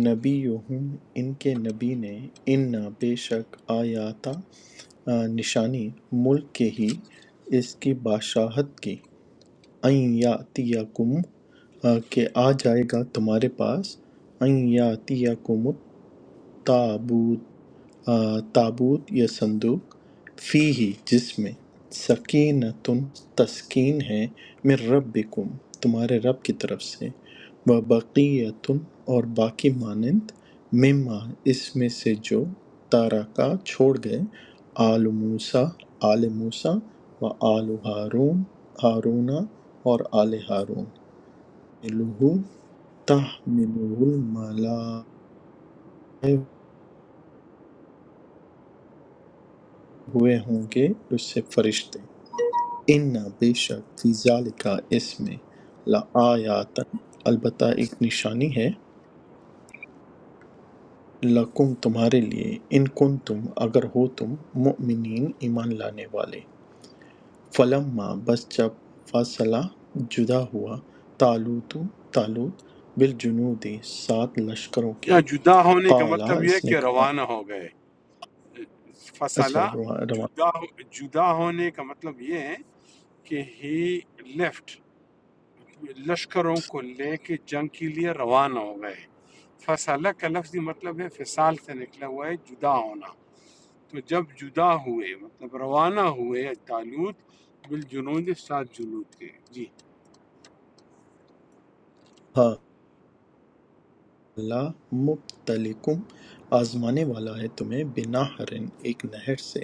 Speaker 3: نبیہم ان کے نبی نے ان بے شک آیاتا آ، نشانی ملک کے ہی اس کی بادشاہت کی این یاتیکم آ، کہ آ جائے گا تمہارے پاس این یاتیکم تابوت تابوت یا صندوق فیہی جس میں سکینت تسکین ہے من ربکم تمہارے رب کی طرف سے و بقیتن اور باقی مانند مما اس میں سے جو تارکا چھوڑ گئے آل موسیٰ آل موسیٰ و آل ہارون ہارونا اور آل ہارون تحملہ تحملہ الملائکہ ہوئے ہوں گے اس سے فرشتے ان بے شک فی ذالک اس میں لآیاتن البتہ ایک نشانی ہے لکم تمہارے لیے ان کن تم اگر ہو تم مؤمنین ایمان لانے والے فلما بس جب فاصلہ جدا ہوا تالوت تالوت بالجنودی سات لشکروں کے
Speaker 1: یا جدا ہونے کا
Speaker 3: قالا
Speaker 1: مطلب یہ ہے
Speaker 3: اس نے
Speaker 1: کہ
Speaker 3: کہا
Speaker 1: روانہ ہو گئے فصلہ
Speaker 3: اچھا رواں رواں
Speaker 1: جدا جدا ہونے کا مطلب یہ ہے کہ ہی لیفٹ لشکروں کو لے کے جنگ کے لیے روانہ ہو گئے فصلہ کا لفظی مطلب ہے فصال سے نکلا ہوا ہے جدا ہونا تو جب جدا ہوئے مطلب روانہ ہوئے طالوت بالجنود سات جنود کے جی
Speaker 3: ہاں اللہ مبتلیکم آزمانے والا ہے تمہیں بنا حرن ایک نہر سے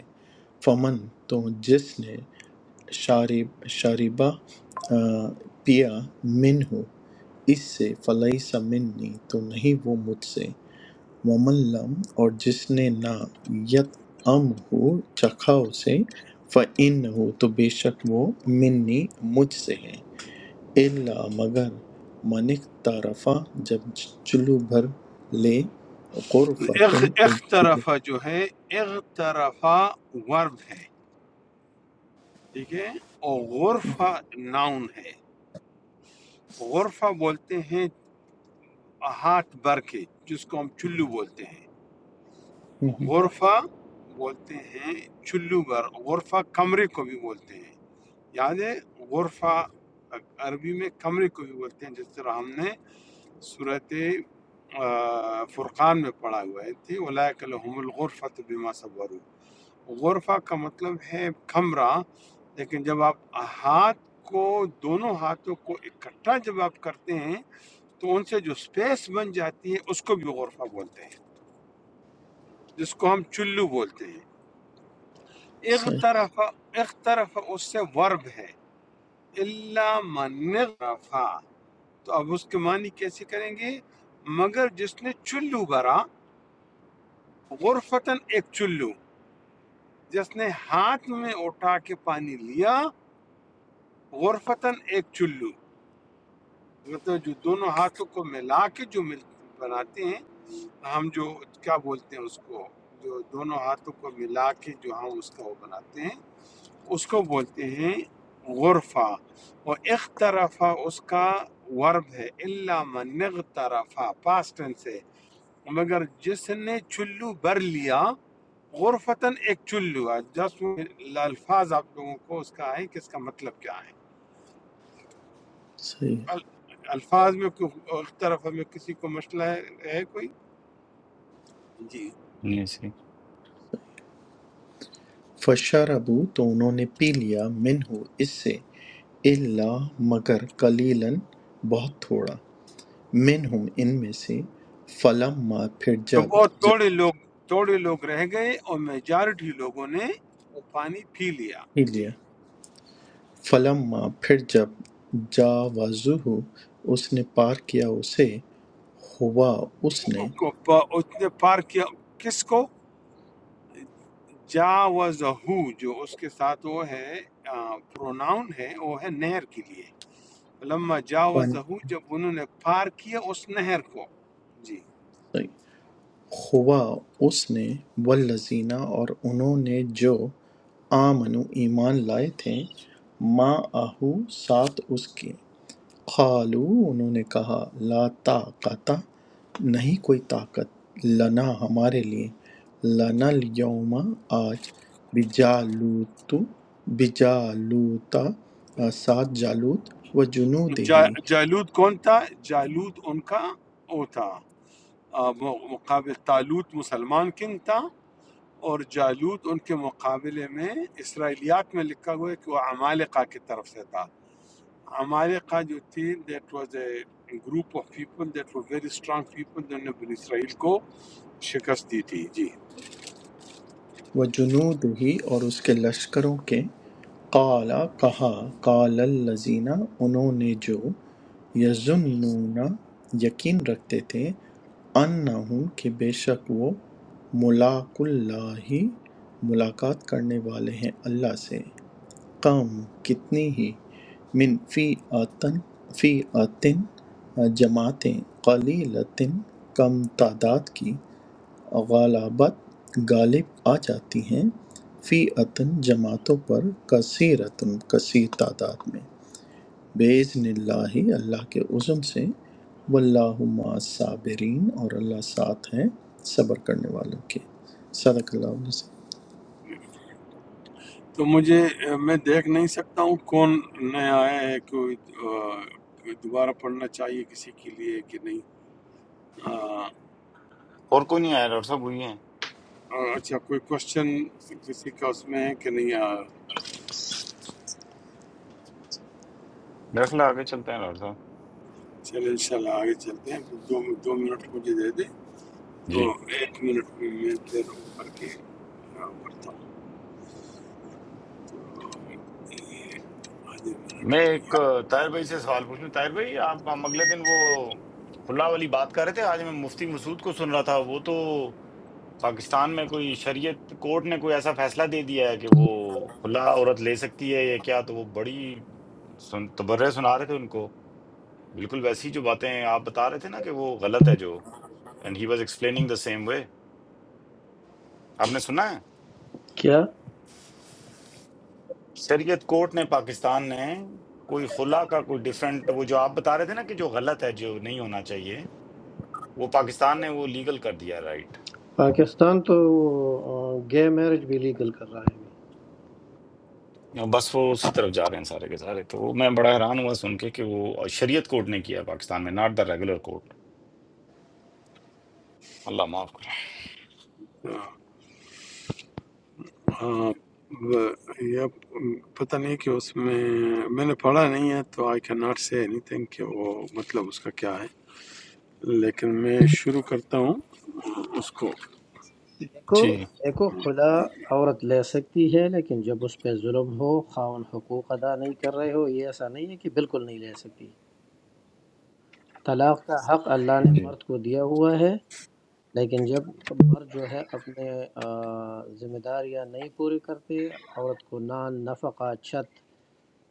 Speaker 3: فمن تو جس نے شارب شاربہ آ، پیا من ہو اس سے فلئی سمنی تو نہیں وہ مجھ سے ومن لم اور جس نے نہ یت ام ہو چکھا اسے فعن ہو تو بے شک وہ منی مجھ سے ہے الا مگر من اقترف جب چلو بھر لے غرفۃ
Speaker 1: اخ
Speaker 3: ایک چلو
Speaker 1: اخترفہ جو ہے اخترفہ ورب ہے ٹھیک ہے اور غرفہ ناؤن ہے غرفہ بولتے ہیں ہاتھ بھر کے جس کو ہم چلو بولتے ہیں
Speaker 3: ہوں ہوں۔
Speaker 1: غرفہ بولتے ہیں چلو بھر غرفہ کمرے کو بھی بولتے ہیں یاد ہے غرفہ عربی میں کمرے کو بھی بولتے ہیں جس طرح ہم نے صورت فرقان میں پڑھا ہوا ہے تھی اولئک لهم الغرفۃ بما صبروا غرفہ کا مطلب ہے کمرہ لیکن جب آپ ہاتھ کو دونوں ہاتھوں کو اکٹھا جب آپ کرتے ہیں تو ان سے جو سپیس بن جاتی ہے اس کو بھی غرفہ بولتے ہیں جس کو ہم چلو بولتے ہیں
Speaker 3: صحیح
Speaker 1: اغترف اغترف اس سے ورب ہے اللہ من غرفہ تو اب اس کے معنی کیسے کریں گے مگر جس نے چلو بھرا غرفتن ایک چلو جس نے ہاتھ میں اٹھا کے پانی لیا غرفتن ایک چلو مطلب جو دونوں ہاتھوں کو ملا کے جو مل بناتے ہیں ہم جو کیا بولتے ہیں اس کو جو دونوں ہاتھوں کو ملا کے جو ہم اس کا وہ بناتے ہیں اس کو بولتے ہیں غرفہ اور اخترفہ اس کا ورب ہے اللہ من اغترفہ پاسٹ ٹینس ہے مگر جس نے چلو بھر لیا غرفتاً ایک چلو جس الفاظ آپ لوگوں کو اس کا ہے کہ اس کا مطلب کیا ہے
Speaker 3: صحیح
Speaker 1: ال- الفاظ میں کوئی اختلاف میں کسی کو مسئلہ ہے ہے کوئی جی
Speaker 2: نہیں صحیح
Speaker 3: فشربو تو انہوں نے پی لیا منہ اس سے الا مگر قلیلن بہت تھوڑا منہم ان میں سے فلما پھر
Speaker 1: تو
Speaker 3: جب
Speaker 1: بہت
Speaker 3: جب
Speaker 1: تھوڑے لوگ تھوڑے لوگ رہ گئے اور میجارٹی لوگوں نے وہ پانی پی لیا
Speaker 3: پی
Speaker 1: جی
Speaker 3: لیا فلما پھر جب جاوزہ اس نے پار کیا اسے ہوا اس نے
Speaker 1: کو- پا- اس نے پار کیا کس کو جاوزہو جو اس کے ساتھ وہ ہے پروناؤن ہے وہ ہے نہر کے لیے لما
Speaker 3: پانی
Speaker 1: جاوزہ جب انہوں نے پار کیا اس نہر کو جی
Speaker 3: صحیح۔ ہوا اس نے والذین اور انہوں نے جو آمنوا ایمان لائے تھے معہو ساتھ اس کے قالو انہوں نے کہا لا طاقت نہیں کوئی طاقت لنا ہمارے لیے لنا الیوم آج بجالوت بجالوتا ساتھ جالوت و جنود
Speaker 1: جا
Speaker 3: ہی
Speaker 1: جالود کون تھا جالود ان کا وہ تھا آ، م- مقابل تالوت مسلمان کنگ تھا اور جالود ان کے مقابلے میں اسرائیلیات میں لکھا ہوا ہے کہ وہ عمالقہ کی طرف سے تھا عمالقہ جو تھی that was a group of people that were very strong people جنہوں نے بنی اسرائیل کو شکست دی تھی جی
Speaker 3: و جنود ہی اور اس کے لشکروں کے قَالَ کہا قَالَ الَّذِينَ انہوں نے جو یَظُنُّونَ یقین رکھتے تھے اَنَّهُم کہ بے شک وہ ملاق اللہ ملاقات کرنے والے ہیں اللہ سے کم کتنی ہی من فی آتن فی آتن جماعتیں قلیلتن کم تعداد کی غالبت غالب آ جاتی ہیں فی عتن جماعتوں پر کثیرتن کثیر تعداد میں بِإِذْنِ اللہ اللہ کے عزم سے واللہ مع صابرین اور اللہ ساتھ ہے صبر کرنے والوں کے صدق اللہ علیہ وسلم۔
Speaker 1: تو مجھے میں دیکھ نہیں سکتا ہوں کون نیا آیا ہے کوئی آہ، کوئی دوبارہ پڑھنا چاہیے کسی کے لیے کہ نہیں آہ،
Speaker 2: اور کوئی نہیں آیا ڈاکٹر صاحب وہی ہیں
Speaker 1: اور اچھا کوئی کوشچن کسی کا اس میں ہے کہ نہیں آہ،
Speaker 2: میرا خیال ہے آگے چلتے ہیں ڈاکٹر صاحب
Speaker 1: چلیں انشاءاللہ آگے چلتے ہیں دو دو منٹ مجھے دے دیں تو
Speaker 2: جی
Speaker 1: ایک منٹ میں میں پھر کر کے آہ، کرتا ہوں تو یہ آدھے
Speaker 2: میں
Speaker 1: منٹ
Speaker 2: ایک آ، طاہر بھائی سے سوال پوچھنا طاہر بھائی آپ ہم اگلے دن وہ کھلا والی بات کر رہے تھے آج میں مفتی مسعود کو سن رہا تھا وہ تو پاکستان میں کوئی شریعت کورٹ نے کوئی ایسا فیصلہ دے دیا ہے کہ وہ کھلا عورت لے سکتی ہے یا کیا تو وہ بڑی سن تبرہ سنا رہے تھے ان کو بالکل ویسی جو باتیں آپ بتا رہے تھے نا کہ وہ غلط ہے جو and he was explaining the same way آپ نے سنا ہے
Speaker 7: کیا
Speaker 2: شریعت کورٹ نے پاکستان نے کوئی خلا کا کوئی ڈیفرنٹ وہ جو آپ بتا رہے تھے نا کہ جو غلط ہے جو نہیں ہونا چاہیے وہ پاکستان نے وہ لیگل کر دیا رائٹ
Speaker 7: پاکستان تو گے میرج بھی لیگل کر رہا ہے ابھی
Speaker 2: بس وہ اسی طرف جا رہے ہیں سارے کے سارے تو وہ میں بڑا حیران ہوا سن کے کہ وہ شریعت کوڈ نے کیا ہے پاکستان میں ناٹ دا ریگولر کوڈ اللہ معاف کرے
Speaker 1: میں آ، ہاں، ب- یہ پتہ نہیں کہ اس میں میں نے پڑھا نہیں ہے تو I can not say anything کہ وہ مطلب اس کا کیا ہے لیکن میں شروع کرتا ہوں اس کو
Speaker 7: دیکھو
Speaker 2: جی
Speaker 7: دیکھو خلا عورت لے سکتی ہے لیکن جب اس پہ ظلم ہو خاون حقوق ادا نہیں کر رہے ہو یہ ایسا نہیں ہے کہ بالکل نہیں لے سکتی طلاق کا حق اللہ نے
Speaker 2: جی
Speaker 7: مرد کو دیا ہوا ہے لیکن جب مرد جو ہے اپنے آ، ذمہ داریاں نہیں پوری کرتے عورت کو نان نفقہ چھت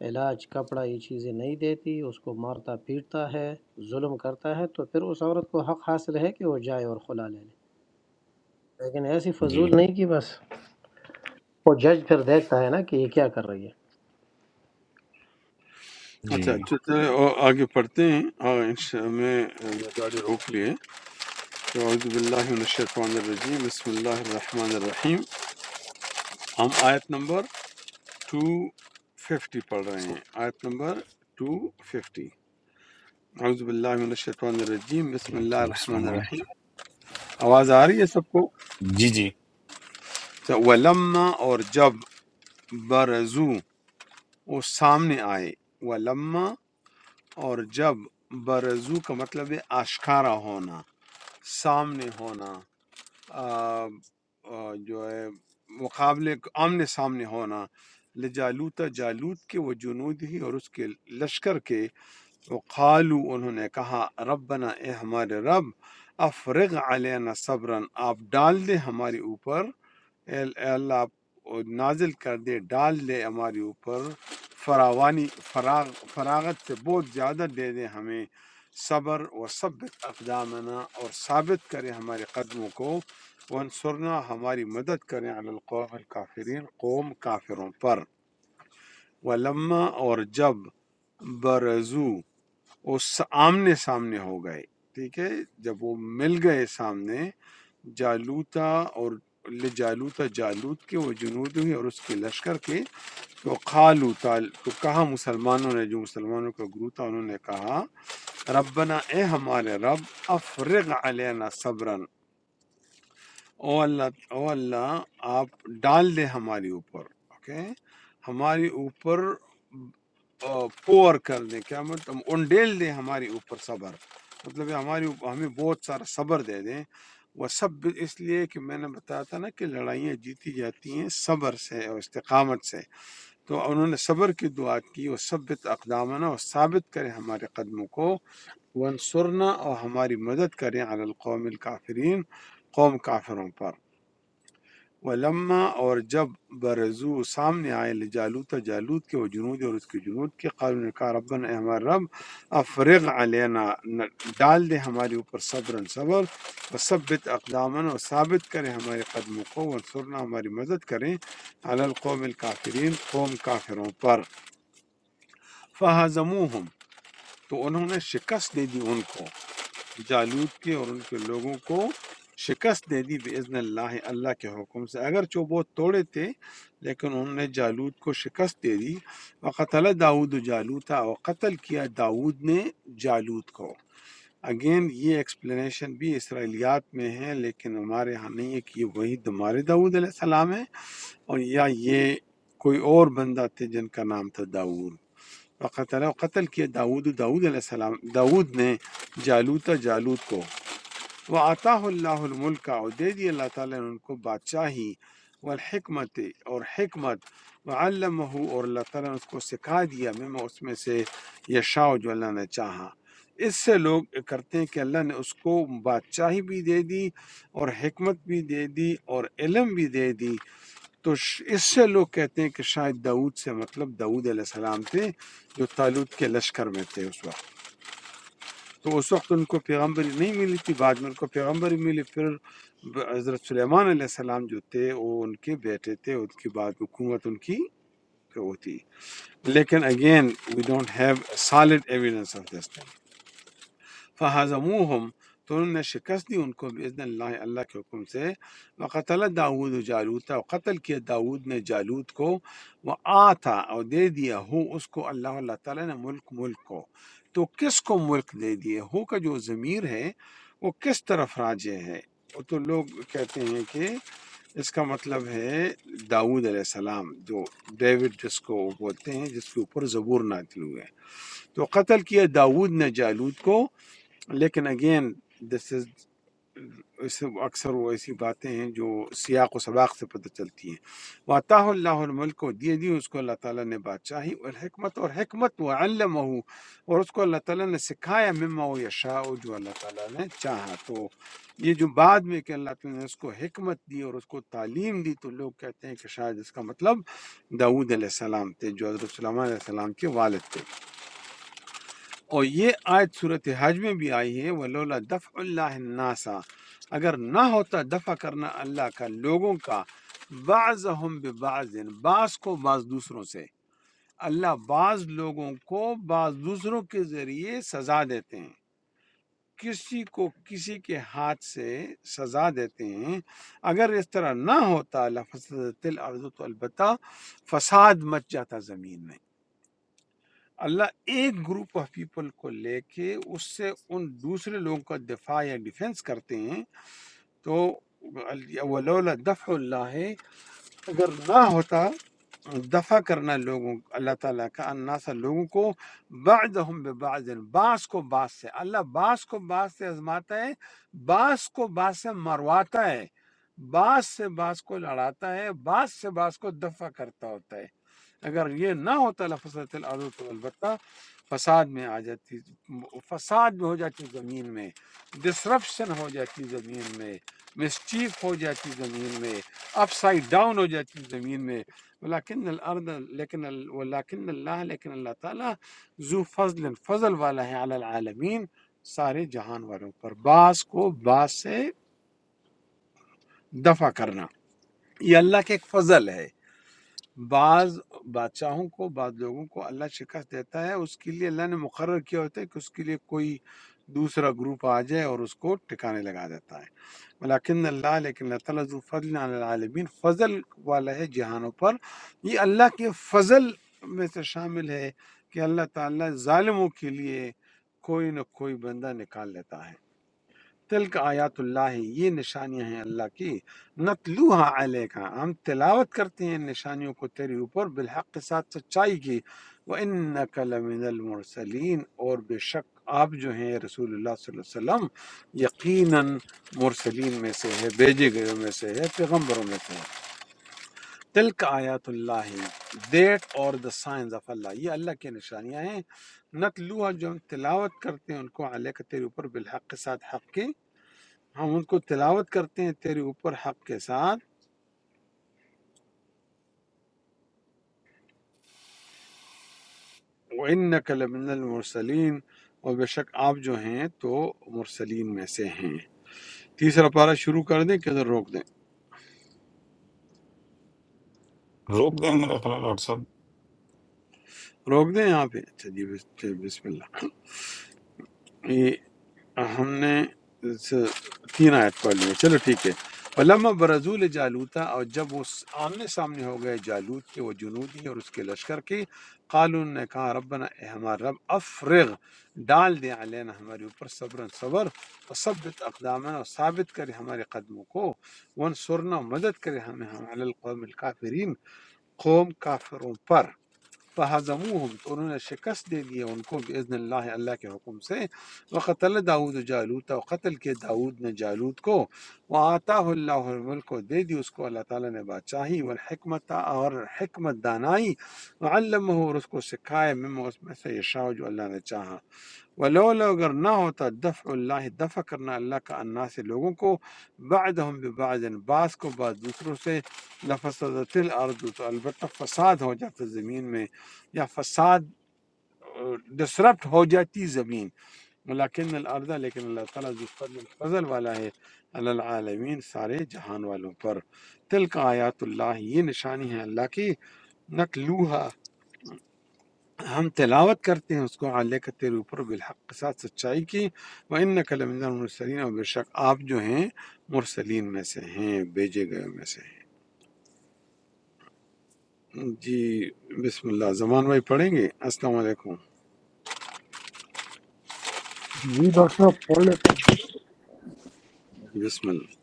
Speaker 7: علاج کپڑا یہ چیزیں نہیں دیتی اس کو مارتا پیٹتا ہے ظلم کرتا ہے تو پھر اس عورت کو حق حاصل ہے کہ وہ جائے اور خلا لے لے لیکن ایسی
Speaker 2: جی
Speaker 7: فضول نہیں کہ بس وہ جج پھر دیکھتا ہے نا کہ یہ کیا کر رہی ہے
Speaker 2: جی
Speaker 1: اچھا تو چلیں اور آگے پڑھتے ہیں اور انشاء- میں میں گاڑی روک لیے تو اعوذ باللہ من الشیطان الرجیم بسم اللہ الرحمن الرحیم ہم آیت نمبر 250 پڑھ رہے
Speaker 2: اس
Speaker 1: ہیں
Speaker 2: کو-
Speaker 1: آیت نمبر 250 اعوذ باللہ من الشیطان الرجیم بسم اللہ الرحمن الرحیم آواز آ رہی ہے سب کو
Speaker 2: جی جی
Speaker 1: تو ولما اور جب برزو وہ سامنے آئے ولما اور جب برزو کا مطلب ہے آشکارا ہونا سامنے ہونا آ, آ, جو ہے مقابلے کے آمنے سامنے ہونا لجالوتا جالوت کے وہ جنود ہی اور اس کے لشکر کے وہ قالو انہوں نے کہا ربنا اے ہمارے رب افرغ علینا صبرن آپ ڈال دیں ہمارے اوپر اے اے اللہ آپ نازل کر دے ڈال دے ہمارے اوپر فراوانی فراغ فراغت سے بہت زیادہ دے دے ہمیں صبر و ثبت اقدامنا اور ثابت کرے ہمارے قدموں کو وانصرنا ہماری مدد کریں علی القوم الکافرین قوم کافروں پر ولما اور جب برزو اس آمنے سامنے ہو گئے ٹھیک ہے جب وہ مل گئے سامنے جالوتا اور لجالوتا جالوت کے وہ جنود ہوئے اور اس کے لشکر کے تو قالوتا تو کہا مسلمانوں نے جو مسلمانوں کا گروہ تھا انہوں نے کہا ربنا اے ہمارے رب افرغ علینا صبرا او اللہ او اللہ آپ ڈال دے ہمارے اوپر اوکے ہمارے اوپر پور کر دے کیا مطلب ہم انڈیل دے ہمارے اوپر صبر مطلب ہے ہماری اوپر- ہمیں بہت سارا صبر دے دیں وہ سب اس لیے کہ میں نے بتایا تھا نا کہ لڑائیاں جیتی جاتی ہیں صبر سے اور استقامت سے تو انہوں نے صبر کی دعا کی وہ ثبت اقدامنا اور ثابت کرے ہمارے قدموں کو ونصرنا اور ہماری مدد کریں علی القوم الکافرین قوم کافروں پر ولما اور جب برزو سامنے آئے لجالوت جالوت کے و جنود اور اس کے جنود کے قالوا نے کہا ربنا اے ہمارے رب افرغ علینا ن- ڈال دے ہمارے اوپر صبر صبر و ثبت اقدامن اور ثابت کریں ہمارے قدموں کو ورسرنا ہماری مدد کریں علی القوم الکافرین قوم کافروں پر فہزموہم تو انہوں نے شکست دے دی ان کو جالوت کے اور ان کے لوگوں کو شکست دے دی باذن اللہ اللہ کے حکم سے اگرچہ وہ بہت توڑے تھے لیکن انہوں نے جالوت کو شکست دے دی وقتل داود جالوتا اور قتل کیا داود نے جالوت کو اگین یہ ایکسپلینیشن بھی اسرائیلیات میں ہے لیکن ہمارے ہاں نہیں ہے کہ یہ وہی ہمارے داود علیہ السلام ہے اور یا یہ کوئی اور بندہ تھے جن کا نام تھا داود وقتل قتل کیا داود داود علیہ السلام داود نے جالوتا جالوت کو وَأَتَاهُ اللَّهُ الْمُلْكَ اور دے دی اللہ تعالیٰ نے ان کو بادشاہی والحکمت اور حکمت وَعَلَّمَهُ اور اللہ تعالیٰ نے اس کو سکھا دیا مما اس میں سے یشاء جو اللہ نے چاہا اس سے لوگ کرتے ہیں کہ اللہ نے اس کو بادشاہی بھی دے دی اور حکمت بھی دے دی اور علم بھی دے دی تو ش- اس سے لوگ کہتے ہیں کہ شاید داؤد سے مطلب داؤد علیہ السلام تھے جو تالوت کے لشکر میں تھے اس وقت تو اس وقت ان کو پیغمبری نہیں ملی تھی بعد میں ان کو پیغمبری ملی پھر ب- حضرت سلیمان علیہ السلام جو تھے وہ ان کے بیٹے تھے ان کی بعد حکومت ان کی وہ تھی لیکن again we don't have solid evidence of this فہضموہم تو انہوں نے شکست دی ان کو باذن اللہ اللہ کے حکم سے وقتل داود جالوتا قتل کیا داود نے جالوت کو وہ آتا اور دے دیا ہو اس کو اللہ اللہ تعالیٰ نے ملک ملک کو تو کس کو ملک دے دیے ہو کا جو ضمیر ہے وہ کس طرف راجع ہے وہ تو لوگ کہتے ہیں کہ اس کا مطلب ہے داود علیہ السلام جو ڈیوڈ جس کو بولتے ہیں جس کے اوپر زبور نازل ہوئے تو قتل کیا داود نے جالوت کو لیکن اگین دس از اس اکثر وہ ایسی باتیں ہیں جو سیاق و سباق سے پتہ چلتی ہیں واطاہ اللہ الملک کو دیے دی اس کو اللہ تعالیٰ نے بادشاہی اور حکمت اور حکمت و علمہ اور اس کو اللہ تعالیٰ نے سکھایا مما و یشاء جو اللہ تعالیٰ نے چاہا تو یہ جو بعد میں کہ اللہ تعالیٰ نے اس کو حکمت دی اور اس کو تعلیم دی تو لوگ کہتے ہیں کہ شاید اس کا مطلب داود علیہ السلام تھے جو حضرت سلیمان علیہ السلام کے والد تھے اور یہ آیت صورت حج میں بھی آئی ہے ولولا دفع اللہ الناسا اگر نہ ہوتا دفع کرنا اللہ کا لوگوں کا بعضهم ببعض بعض کو بعض دوسروں سے اللہ بعض لوگوں کو بعض دوسروں کے ذریعے سزا دیتے ہیں کسی کو کسی کے ہاتھ سے سزا دیتے ہیں اگر اس طرح نہ ہوتا لفسدت الارض تو البتہ فساد مچ جاتا زمین میں اللہ ایک گروپ آف پیپل کو لے کے اس سے ان دوسرے لوگوں کا دفاع یا ڈیفنس کرتے ہیں تو ولولا دفع اللہ اگر نہ ہوتا دفع کرنا لوگوں اللہ تعالیٰ کا الناس لوگوں کو بعضهم ببعض بعض کو بعض سے اللہ بعض کو بعض سے آزماتا ہے بعض کو بعض سے مرواتا ہے بعض سے بعض کو لڑاتا ہے بعض سے بعض کو دفع کرتا ہوتا ہے اگر یہ نہ ہوتا لفصلت الارض تو البتہ فساد میں آ جاتی فساد میں ہو جاتی زمین میں ڈسرپشن ہو جاتی زمین میں مسچیف ہو جاتی زمین میں اپ سائڈ ڈاؤن ہو جاتی زمین میں ولیکن الارض لیکن ال- ولیکن اللہ لیکن اللہ تعالیٰ ذو فضل فضل والا ہے علی العالمین سارے جہان والوں پر بعض کو بعض سے دفع کرنا یہ اللہ کے ایک فضل ہے بعض بادشاہوں کو بعض لوگوں کو اللہ شکست دیتا ہے اس کے لیے اللہ نے مقرر کیا ہوتا ہے کہ اس کے لیے کوئی دوسرا گروپ آ جائے اور اس کو ٹھکانے لگا دیتا ہے ولیکن اللہ لیکن اللہ تعالیٰ ذو فضل علی العالمین فضل والا ہے جہانوں پر یہ اللہ کے فضل میں سے شامل ہے کہ اللہ تعالیٰ ظالموں کے لیے کوئی نہ کوئی بندہ نکال لیتا ہے تلک آیات اللہ یہ نشانیاں ہیں اللہ کی نتلوہا علیکا ہم تلاوت کرتے ہیں ان نشانیوں کو تیرے اوپر بالحق کے ساتھ سچائی کی وَإِنَّكَ لَمِنَ الْمُرْسَلِينَ اور بے شک آپ جو ہیں رسول اللہ صلی اللہ علیہ وسلم یقیناً مرسلین میں سے ہے بھیجے گئے میں سے ہے پیغمبروں میں سے ہے تلک آیات اللہ دیٹ اور دا سائنز آف اللہ یہ اللہ کی نشانیاں ہیں نتلوہا جو ہم تلاوت کرتے ہیں ان کو علیکہ تیرے اوپر بالحق کے ساتھ حق کے ہم ان کو تلاوت کرتے ہیں تیرے اوپر حق کے ساتھ وَإِنَّكَ لَمِنَ الْمُرْسَلِينَ اور بے شک آپ جو ہیں تو مرسلین میں سے ہیں تیسرا پارہ شروع کر دیں کہ ادھر روک دیں
Speaker 2: روک دیں میرا خیال ہے ڈاکٹر صاحب
Speaker 1: روک دیں یہاں پہ اچھا جی بس- بسم اللہ ہم نے س- تین آیت پڑھ لی ہے چلو ٹھیک ہے علامہ برزول جالوتا اور جب وہ س- آمنے سامنے ہو گئے جالوت کے وہ جنودی اور اس کے لشکر کے قالون نے کہا ربنا اے ہمارا رب افرغ ڈال دے علینا ہمارے اوپر صبر صبر اور ثبت اقدامنا اور ثابت کرے ہمارے قدموں کو ون سرنا مدد کرے ہمیں ہم علی القوم الکافرین قوم کافروں پر فہضموہم تو انہوں نے شکست دے دیا ان کو باذن اللہ اللہ کے حکم سے وقتل داود جالوت و قتل کے داود نے جالوت کو وآتاہ اللہ الملک کو دے دی اس کو اللہ تعالیٰ نے بادشاہی والحکمت اور حکمت دانائی وعلمہ اور اس کو سکھائے مما اس میں سے یشاء جو اللہ نے چاہا ولولا اگر نہ ہوتا دفع اللہ دفع کرنا اللہ کا انا سے لوگوں کو بعدهم ببعض بعض کو بعض دوسروں سے لفسدت الارض تو البتہ فساد ہو جاتا زمین میں یا فساد ڈسرپٹ ہو جاتی زمین ملاکن الارض لیکن اللہ تعالیٰ ذو فضل فضل والا ہے علی العالمین سارے جہان والوں پر تلک آیات اللہ یہ نشانی ہے اللہ کی نتلوہا ہم تلاوت کرتے ہیں اس کو علیہ کا تیرے اوپر بالحق کے ساتھ سچائی کی و ان لمن المرسلین اور بے شک آپ جو ہیں مرسلین میں سے ہیں بھیجے گئے میں سے ہیں جی بسم اللہ زمان بھائی پڑھیں گے السلام علیکم
Speaker 5: جی ڈاکٹر صاحب پڑھ لیتے
Speaker 1: بسم اللہ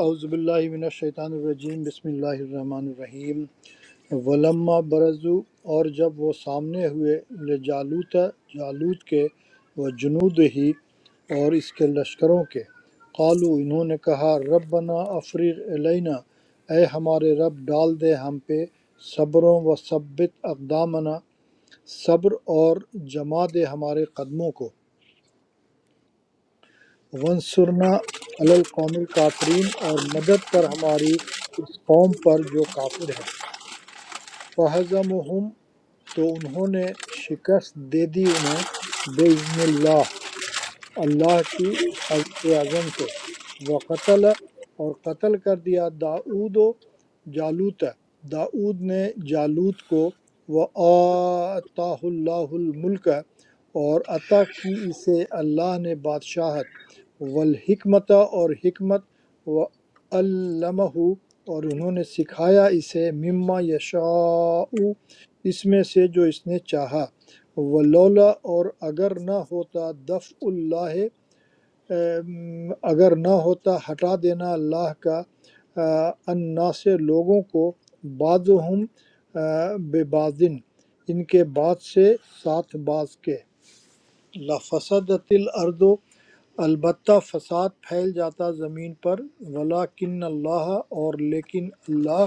Speaker 5: اعوذ باللہ من الشیطان الرجیم بسم اللہ الرحمن الرحیم ولما برزو اور جب وہ سامنے ہوئے لجالوت جالوت کے و جنود ہی اور اس کے لشکروں کے قالو انہوں نے کہا ربنا افریغ علینا اے ہمارے رب ڈال دے ہم پہ صبروں و ثبت اقدامنا صبر اور جما دے ہمارے قدموں کو ونصرنا علی القوم الکافرین اور مدد کر ہماری اس قوم پر جو کافر ہے فہضمہم تو انہوں نے شکست دے دی انہیں بے اذن اللہ اللہ کی عز- کے عزم اعظم سے وقتل اور قتل کر دیا داؤد و جالوت داؤد نے جالوت کو وآتاہ اللہ الملک اور عطا کی اسے اللہ نے بادشاہت والحکمت اور حکمت وعلمہ اور انہوں نے سکھایا اسے مما یشاء اس میں سے جو اس نے چاہا ولولا اور اگر نہ ہوتا دفع اللہ ام، اگر نہ ہوتا ہٹا دینا اللہ کا آ، انا سے لوگوں کو بعضہم آ، بے بازن ان کے بعد سے ساتھ بعض کے لفسدت الارض البتہ فساد پھیل جاتا زمین پر ولیکن اللہ اور لیکن اللہ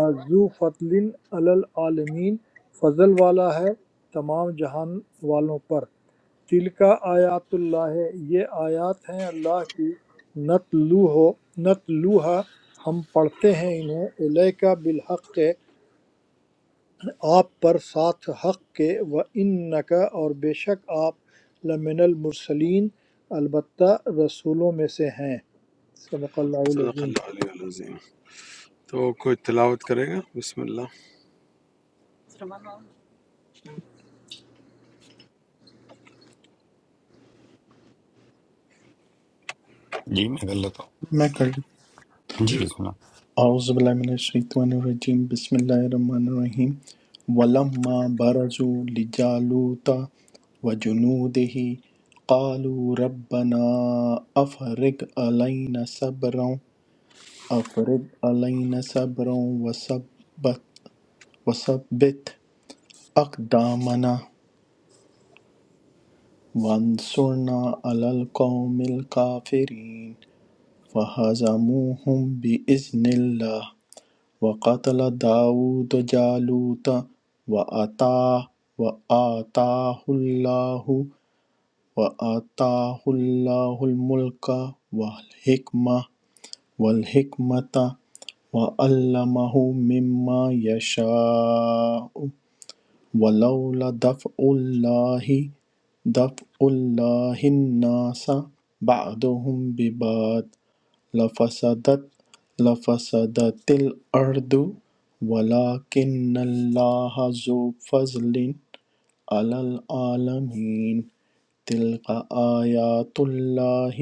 Speaker 5: آ، ذو فضل علی العالمین فضل والا ہے تمام جہان والوں پر تِلْکَ آیاتُ اللہِ ہے، یہ آیات ہیں اللہ کی نتلوہ نتلوہا ہم پڑھتے ہیں انہیں الیک بالحق کے، آپ پر ساتھ حق کے و انک اور بے شک آپ لمن المرسلین البتہ رسولوں میں سے ہیں صدق اللہ
Speaker 1: صدق
Speaker 5: العظیم
Speaker 1: اللہ علیہ العظیم تو کوئی تلاوت کرے گا بسم اللہ
Speaker 2: جی میں کر لیتا ہوں
Speaker 3: میں کر
Speaker 2: جی
Speaker 1: جی
Speaker 2: بسم اللہ
Speaker 3: اعوذ باللہ من الشیطان الرجیم بسم اللہ الرحمن الرحیم ولما برزوا لجالوت وجنوده قالوا ربنا افرغ علينا صبرا افرغ علينا صبرا وثبت وثبت اقدامنا وانصرنا على القوم الكافرين فهزموهم بإذن الله وَقَتَلَ دَاوُدَ جَالُوتَ وَآتَاهُ وَآتَاهُ اللَّهُ وَآتَاهُ اللَّهُ الْمُلْكَ وَالْحِكْمَةَ وَالْحِكْمَةَ وَعَلَّمَهُ مِمَّا يَشَاءُ وَلَوْلَا دَفْعُ اللَّهِ دَفْعُ اللَّهِ النَّاسَ بَعْضَهُم بِبَعْضٍ لفسدت لفسدت الارض ولکن اللہ ذو فضل علی العالمین تلک آیات اللہ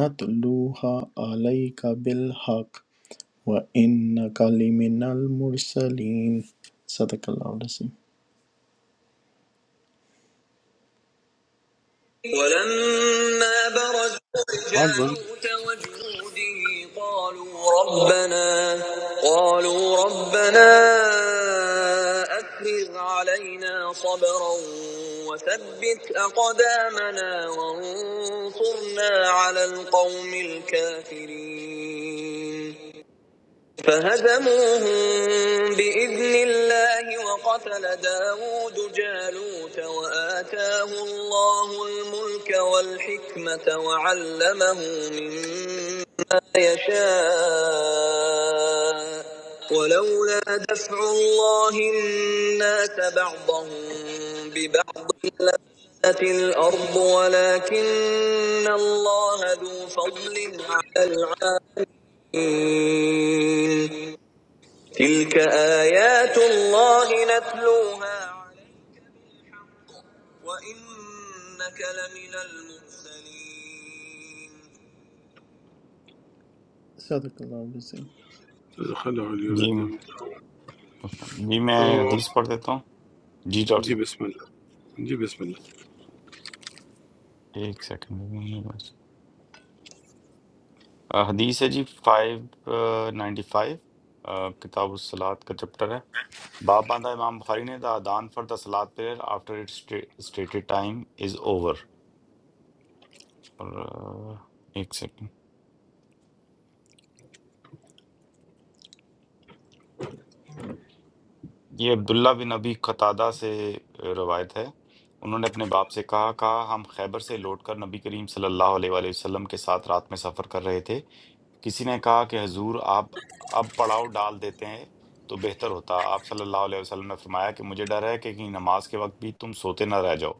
Speaker 3: نتلوها علیک بالحق وانک لمن المرسلین صدق اللہ العظیم ولما برز
Speaker 1: آواز بند
Speaker 3: جالوت وجنوده قالوا ربنا قالوا ربنا أفرغ علينا صبرا وثبت أقدامنا وانصرنا على القوم الكافرين فهزموهم بإذن الله وقتل داود جالوت وآتاه الله الملك والحكمة وعلمه مما يشاء ولولا دفع الله الناس بعضهم ببعض لفسدت الأرض ولكن الله ذو فضل على العالمين تلك آيات الله نتلوها عليك بالحق وإنك لمن المرسلين صدق اللہ العظیم
Speaker 1: صدق اللہ علیہ
Speaker 2: جی میں-
Speaker 1: العظیم
Speaker 2: جی میں
Speaker 1: تو
Speaker 2: حدیث پڑھ دیتا ہوں جی ڈاکٹر
Speaker 1: جی
Speaker 2: صاحب
Speaker 1: بسم اللہ جی بسم اللہ
Speaker 2: ایک سیکنڈ میرے پاس۔ آ، حدیث ہے جی فائیو نائنٹی فائیو کتاب الصلاۃ کا چپٹر ہے Bab Banda Imam Bukhari نے the adhan for the salat prayer after its sta- stated time is over. اور, آ، ایک سیکنڈ یہ عبداللہ بن ابی قتادہ سے روایت ہے انہوں نے اپنے باپ سے کہا کہا ہم خیبر سے لوٹ کر نبی کریم صلی اللہ علیہ وآلہ وسلم کے ساتھ رات میں سفر کر رہے تھے کسی نے کہا کہ حضور آپ اب پڑاؤ ڈال دیتے ہیں تو بہتر ہوتا آپ صلی اللہ علیہ وسلم نے فرمایا کہ مجھے ڈر ہے کہ کہیں نماز کے وقت بھی تم سوتے نہ رہ جاؤ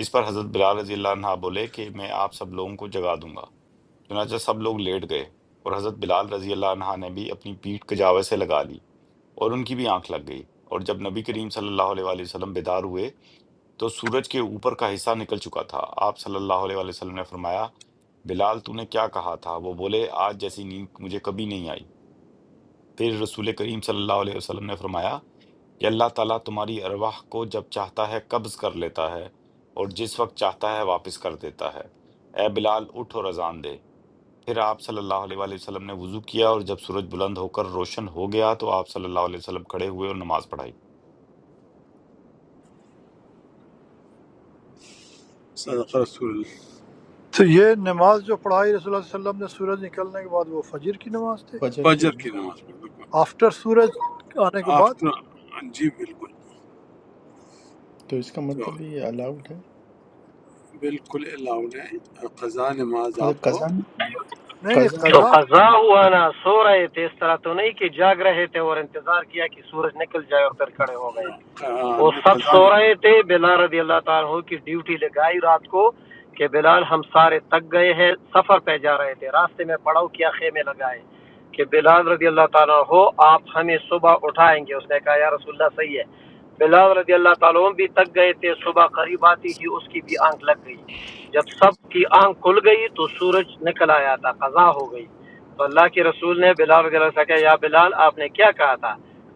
Speaker 2: اس پر حضرت بلال رضی اللہ عنہ بولے کہ میں آپ سب لوگوں کو جگا دوں گا چنانچہ سب لوگ لیٹ گئے اور حضرت بلال رضی اللہ عنہ نے بھی اپنی پیٹھ کجاوے سے لگا لی اور ان کی بھی آنکھ لگ گئی اور جب نبی کریم صلی اللہ علیہ وآلہ وسلم بیدار ہوئے تو سورج کے اوپر کا حصہ نکل چکا تھا آپ صلی اللہ علیہ وآلہ وسلم نے فرمایا بلال تو نے کیا کہا تھا وہ بولے آج جیسی نیند مجھے کبھی نہیں آئی پھر رسول کریم صلی اللہ علیہ وسلم نے فرمایا کہ اللہ تعالیٰ تمہاری ارواح کو جب چاہتا ہے قبض کر لیتا ہے اور جس وقت چاہتا ہے واپس کر دیتا ہے اے بلال اٹھ اور اذان دے پھر آپ صلی اللہ علیہ وآلہ وسلم نے وضو کیا اور جب سورج بلند ہو کر روشن ہو گیا تو آپ صلی اللہ علیہ وسلم کھڑے ہوئے اور نماز پڑھائی
Speaker 1: صدق رسول اللہ
Speaker 5: تو یہ نماز جو پڑھائی رسول اللہ صلی اللہ علیہ وسلم نے سورج نکلنے کے بعد وہ فجر کی نماز تھی
Speaker 3: فجر کی
Speaker 1: فجر
Speaker 3: ہوئی
Speaker 1: کی نماز پڑھ
Speaker 5: آفٹر سورج آنے کے بعد
Speaker 1: آفٹر جی بالکل
Speaker 3: تو اس کا مطلب یہ الاؤڈ ہے
Speaker 1: بالکل الاؤ ہے قضا نماز
Speaker 3: مطلب
Speaker 1: آپ کو
Speaker 3: قضا نہیں
Speaker 5: نہیں نہیں
Speaker 3: قضا
Speaker 1: آ،
Speaker 7: تو
Speaker 3: نہیں۔
Speaker 5: قضا
Speaker 7: قضا ہوا نا سو رہے تھے اس طرح تو نہیں کہ جاگ رہے تھے اور انتظار کیا کہ سورج نکل جائے اور پھر کھڑے ہو گئے
Speaker 1: آ،
Speaker 7: وہ
Speaker 1: نے
Speaker 7: سب
Speaker 1: قضا
Speaker 7: سو
Speaker 1: نماز
Speaker 7: رہے تھے بلال رضی اللہ تعالیٰ عنہ کی ڈیوٹی لگائی رات کو کہ بلال ہم سارے تک گئے ہیں سفر پہ جا رہے تھے راستے میں پڑاؤ کیا خیمے لگائے کہ بلال رضی اللہ تعالیٰ ہو آپ ہمیں صبح اٹھائیں گے اس نے کہا یا رسول اللہ صحیح ہے بلال رضی اللہ تعالیٰ عنہ بھی تک گئے تھے صبح قریب آتی ہی اس کی بھی آنکھ لگ گئی جب سب کی آنکھ کھل گئی تو سورج نکل آیا تھا قضا ہو گئی تو اللہ کے رسول نے بلال رضی اللہ تعالیٰ سے کہا یا بلال آپ نے کیا کہا تھا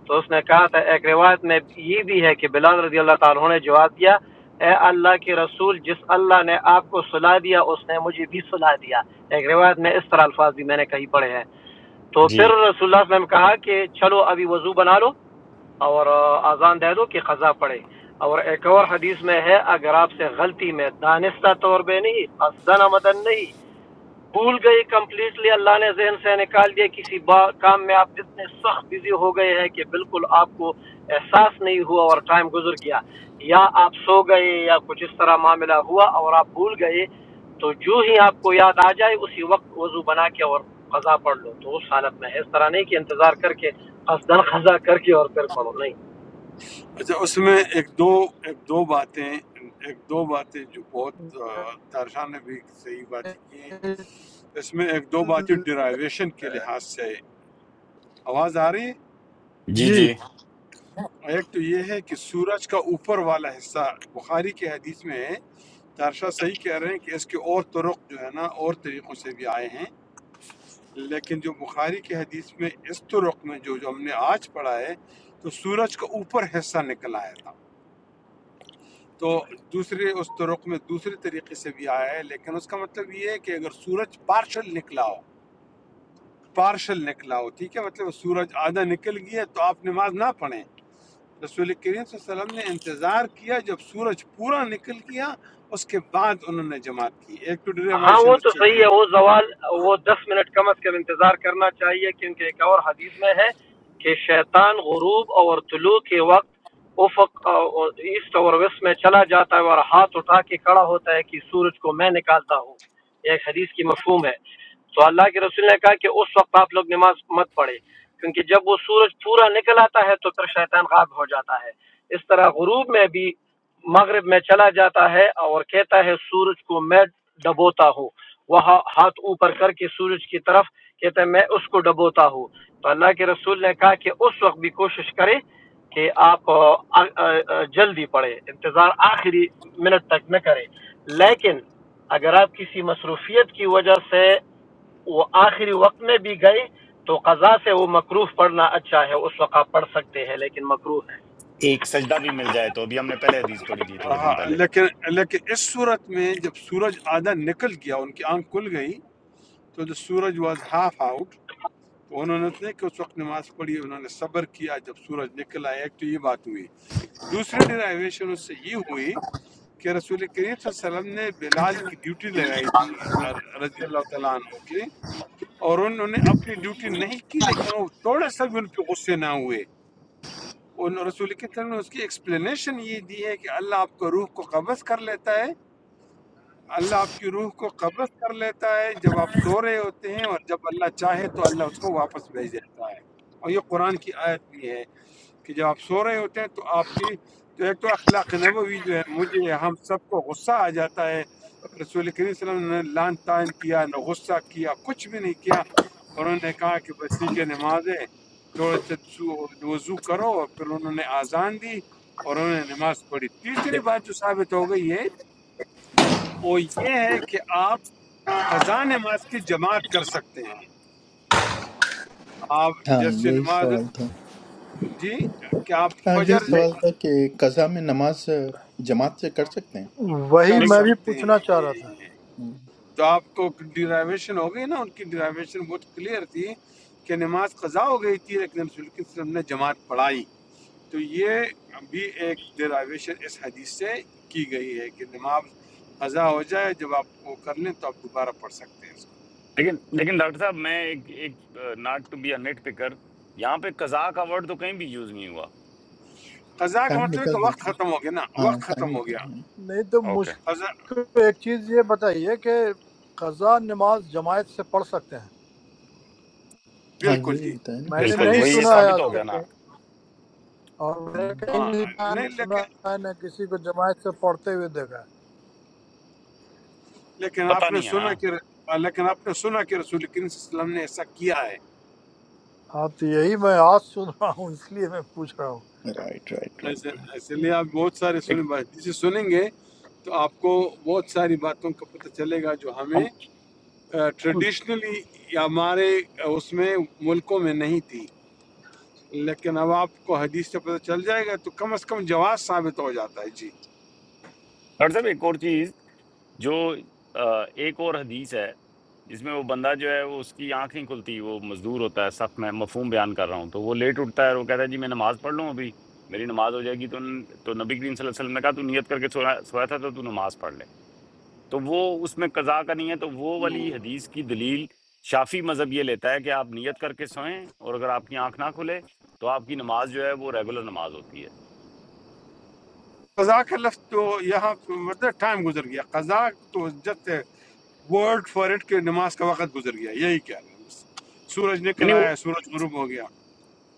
Speaker 7: تو اس نے کہا تھا ایک روایت میں یہ بھی ہے کہ بلال رضی اللہ تعالیٰ عنہ نے جواب دیا اے اللہ کے رسول جس اللہ نے آپ کو سلا دیا اس نے مجھے بھی سلا دیا ایک روایت میں اس طرح الفاظ بھی میں نے کہیں پڑھے ہیں تو پھر
Speaker 2: جی
Speaker 7: رسول اللہ صلی اللہ علیہ وسلم نے کہا کہ چلو ابھی وضو بنا لو اور آ، اذان دے دو کہ قضا پڑے اور ایک اور حدیث میں ہے اگر آپ سے غلطی میں دانستہ طور پہ نہیں قصدن مدن نہیں بھول گئی کمپلیٹلی اللہ نے ذہن سے نکال دیا کسی با- کام میں آپ اتنے سخت بزی ہو گئے ہیں کہ بالکل آپ کو احساس نہیں ہوا اور ٹائم گزر گیا یا آپ سو گئے یا کچھ اس طرح معاملہ ہوا اور آپ بھول گئے تو جو ہی آپ کو یاد آ جائے اسی وقت وضو بنا کے اور قضا پڑھ لو تو اس حالت میں ہے اس طرح نہیں کہ انتظار کر کے قصدن قضا کر کے اور پھر پڑھو نہیں
Speaker 1: اچھا اس میں ایک دو ایک دو باتیں ایک دو باتیں جو بہت تارشاہ نے بھی صحیح باتیں کی ہیں
Speaker 5: نہیں۔
Speaker 1: اس میں ایک دو باتیں ڈرائیویشن کے لحاظ سے ہے۔ آواز آ رہی
Speaker 2: جی
Speaker 5: یہ
Speaker 2: جی
Speaker 1: ہے ایک تو یہ ہے کہ سورج کا اوپر والا حصہ بخاری کے حدیث میں ہے تارشاہ صحیح کہہ رہے ہیں کہ اس کے اور طرق جو ہے نا اور طریقوں سے بھی آئے ہیں لیکن جو بخاری کی حدیث میں اس طرق میں جو جو ہم نے آج پڑھا ہے تو سورج کا اوپر حصہ نکل آیا تھا تو دوسرے اس طرق میں دوسرے طریقے سے بھی آیا ہے لیکن اس کا مطلب یہ ہے کہ اگر سورج پارشل نکلا ہو پارشل نکلا ہو ٹھیک ہے مطلب سورج آدھا نکل گیا تو آپ نماز نہ پڑھیں رسول کریم صلی اللہ علیہ وسلم نے انتظار کیا جب سورج پورا نکل گیا اس کے بعد انہوں نے جماعت کی ایک تو
Speaker 7: ہاں وہ
Speaker 1: ڈریوائشن
Speaker 7: تو
Speaker 1: اس سے یہ ہے
Speaker 7: صحیح ہے وہ زوال وہ دس منٹ کم از کم انتظار کرنا چاہیے کیونکہ ایک اور حدیث میں ہے کہ شیطان غروب اور طلوع کے وقت افق ایسٹ اور ویسٹ میں چلا جاتا ہے اور ہاتھ اٹھا کے کھڑا ہوتا ہے کہ سورج کو میں نکالتا ہوں یہ ایک حدیث کی مفہوم ہے تو اللہ کے رسول نے کہا کہ اس وقت آپ لوگ نماز مت پڑھے کیونکہ جب وہ سورج پورا نکل آتا ہے تو پھر شیطان غائب ہو جاتا ہے اس طرح غروب میں بھی مغرب میں چلا جاتا ہے اور کہتا ہے سورج کو میں ڈبوتا ہوں وہ ہا- ہاتھ اوپر کر کے سورج کی طرف کہتا ہے میں اس کو ڈبوتا ہوں تو اللہ کے رسول نے کہا کہ اس وقت بھی کوشش کرے کہ آپ آ، آ، آ، جلدی پڑھیں انتظار آخری منٹ تک نہ کریں لیکن اگر آپ کسی مصروفیت کی وجہ سے وہ آخری وقت میں بھی گئے تو قضا سے وہ مقروف پڑھنا اچھا ہے اس وقت آپ پڑھ سکتے ہیں لیکن مقروف
Speaker 2: ایک سجدہ بھی مل جائے تو ابھی ہم نے پہلے حدیث پڑھی تھی تھوڑے دن
Speaker 1: ہاں،
Speaker 2: پہلے
Speaker 1: لیکن لیکن اس صورت میں جب سورج آدھا نکل گیا ان کی آنکھ کھل گئی تو جو سورج واز ہاف آؤٹ تو انہوں نے اتنے کہ اس وقت نماز پڑھی انہوں نے صبر کیا جب سورج نکل آیا ایک تو یہ بات ہوئی دوسری ڈرائیویشن اس سے یہ ہوئی کہ رسول کریم صلی اللہ علیہ وسلم نے بلال کی ڈیوٹی لگائی تھی رضی اللہ تعالیٰ عنہ کی اور انہوں نے اپنی ڈیوٹی نہیں کی لیکن وہ تھوڑا سا بھی ان پہ غصے نہ ہوئے ان رسول کریم صلی اللہ علیہ وسلم نے اس کی ایکسپلینیشن یہ دی ہے کہ اللہ آپ کو روح کو قبض کر لیتا ہے اللہ آپ کی روح کو قبض کر لیتا ہے جب آپ سو رہے ہوتے ہیں اور جب اللہ چاہے تو اللہ اس کو واپس بھیج دیتا ہے اور یہ قرآن کی آیت بھی ہے کہ جب آپ سو رہے ہوتے ہیں تو آپ کی تو ایک تو اخلاق نبوی جو ہے مجھے ہم سب کو غصہ آ جاتا ہے رسول کریم صلی اللہ علیہ وسلم نے لان تان کیا نہ غصہ کیا کچھ بھی نہیں کیا اور انہوں نے کہا کہ بس ٹھیک ہے نمازیں تھوڑا سا سو- وضو کرو اور پھر انہوں نے آزان دی اور انہوں نے نماز پڑھی تیسری
Speaker 2: لے-
Speaker 1: بات جو ثابت ہو گئی ہے وہ یہ ہے کہ آپ قضا نماز کی جماعت کر سکتے ہیں آپ
Speaker 3: ہاں
Speaker 1: جیسے
Speaker 3: یہی
Speaker 1: نماز
Speaker 3: سوال تھا
Speaker 1: جی کہ آپ
Speaker 3: ہاں یہی
Speaker 1: فجر
Speaker 2: لے-
Speaker 3: سوال تھا کہ قضا میں نماز آ، جماعت سے کر سکتے ہیں
Speaker 5: وہی
Speaker 1: کر
Speaker 5: میں
Speaker 2: لیکن
Speaker 5: بھی
Speaker 1: سکتے
Speaker 5: پوچھنا چاہ رہا تھا
Speaker 1: ہیں تو آپ کو ڈیرائیویشن ہو گئی نا ان کی ڈیرائیویشن بہت کلیئر تھی کہ نماز قضا ہو گئی تھی لیکن رسول اللہ صلی اللہ علیہ وسلم نے جماعت پڑھائی تو یہ بھی ایک ڈیرائیویشن اس حدیث سے کی گئی ہے کہ نماز قضا ہو جائے جب آپ وہ کر لیں تو آپ دوبارہ پڑھ سکتے ہیں اس کو
Speaker 2: لیکن لیکن ڈاکٹر صاحب میں ایک ایک not to be a nitpicker یہاں پہ قضاء کا ورڈ تو کہیں بھی یوز نہیں ہوا
Speaker 1: قضا کا
Speaker 3: ٹائم
Speaker 1: مطلب ہے
Speaker 3: نکل
Speaker 1: کہ
Speaker 3: گیا
Speaker 1: وقت
Speaker 3: تھا
Speaker 1: ختم ہو گیا نا
Speaker 3: ہاں
Speaker 1: وقت
Speaker 3: ٹائم
Speaker 1: ختم ہو
Speaker 3: نکل
Speaker 1: گیا
Speaker 3: گیا
Speaker 5: نہیں تو
Speaker 2: اوکے
Speaker 1: قضا
Speaker 5: مشکل ایک چیز یہ بتائیے کہ قضا نماز جماعت سے پڑھ سکتے ہیں
Speaker 3: ہاں
Speaker 1: بالکل
Speaker 3: یہی
Speaker 1: جی
Speaker 3: بتایا نا
Speaker 5: میں نے
Speaker 1: اس
Speaker 2: بالکل
Speaker 5: نہیں
Speaker 2: وہی
Speaker 1: حدیث سے
Speaker 2: یہ
Speaker 5: سنا ہے
Speaker 2: ثابت
Speaker 5: آج
Speaker 1: ثابت
Speaker 2: ہو
Speaker 1: ہو
Speaker 2: گیا
Speaker 5: تک
Speaker 1: گیا
Speaker 2: نا
Speaker 5: کہیں اور میں نے
Speaker 3: ہاں۔
Speaker 5: کہیں
Speaker 1: ہاں،
Speaker 5: نہیں جہاں
Speaker 1: نہیں
Speaker 5: نہیں سنا
Speaker 1: لیکن
Speaker 5: ہے نہ کسی کو جماعت سے پڑھتے ہوئے دیکھا ہے
Speaker 1: لیکن
Speaker 2: پتہ
Speaker 1: آپ نے
Speaker 2: نہیں ہے
Speaker 1: سنا
Speaker 2: نا
Speaker 1: کہ لیکن آپ نے سنا کہ رسول کریم صلی اللہ علیہ وسلم نے ایسا کیا ہے
Speaker 5: ہاں تو یہی میں آج سن رہا ہوں اس لیے میں پوچھ رہا ہوں
Speaker 3: رائٹ رائٹ
Speaker 1: ایسے
Speaker 3: رائٹ
Speaker 1: اس لیے آپ بہت سارے سنیں
Speaker 2: ایک-
Speaker 1: حدیثیں سنیں گے تو آپ کو بہت ساری باتوں کا پتہ چلے گا جو
Speaker 2: ہم
Speaker 1: ہمیں
Speaker 2: ہم-
Speaker 1: ٹریڈیشنلی ہمارے آ، اس میں ملکوں میں نہیں تھی لیکن اب آپ کو حدیث سے پتہ چل جائے گا تو کم از کم جواز ثابت ہو جاتا ہے جی
Speaker 2: ڈاکٹر صاحب ایک اور چیز جو آ، ایک اور حدیث ہے جس میں وہ بندہ جو ہے وہ اس کی آنکھ نہیں کھلتی وہ مزدور ہوتا ہے سخت میں مفہوم بیان کر رہا ہوں تو وہ لیٹ اٹھتا ہے اور وہ کہتا ہے جی میں نماز پڑھ لوں ابھی میری نماز ہو جائے گی تو تو نبی کریم صلی اللہ علیہ وسلم نے کہا تو نیت کر کے سویا سویا تھا تو تو نماز پڑھ لے تو وہ اس میں قضا کا نہیں ہے تو وہ والی
Speaker 1: ہوں۔
Speaker 2: حدیث کی دلیل شافی مذہب یہ لیتا ہے کہ آپ نیت کر کے سوئیں اور اگر آپ کی آنکھ نہ کھلے تو آپ کی نماز جو ہے وہ ریگولر نماز ہوتی ہے
Speaker 1: قضا کا لفظ تو یہاں مطلب ٹائم گزر گیا قضا تو جب ورڈ فار اٹ کہ نماز کا وقت گزر گیا یہی کہہ رہے ہیں بس سورج نکل
Speaker 2: یعنی وہ
Speaker 1: آیا سورج غروب ہو گیا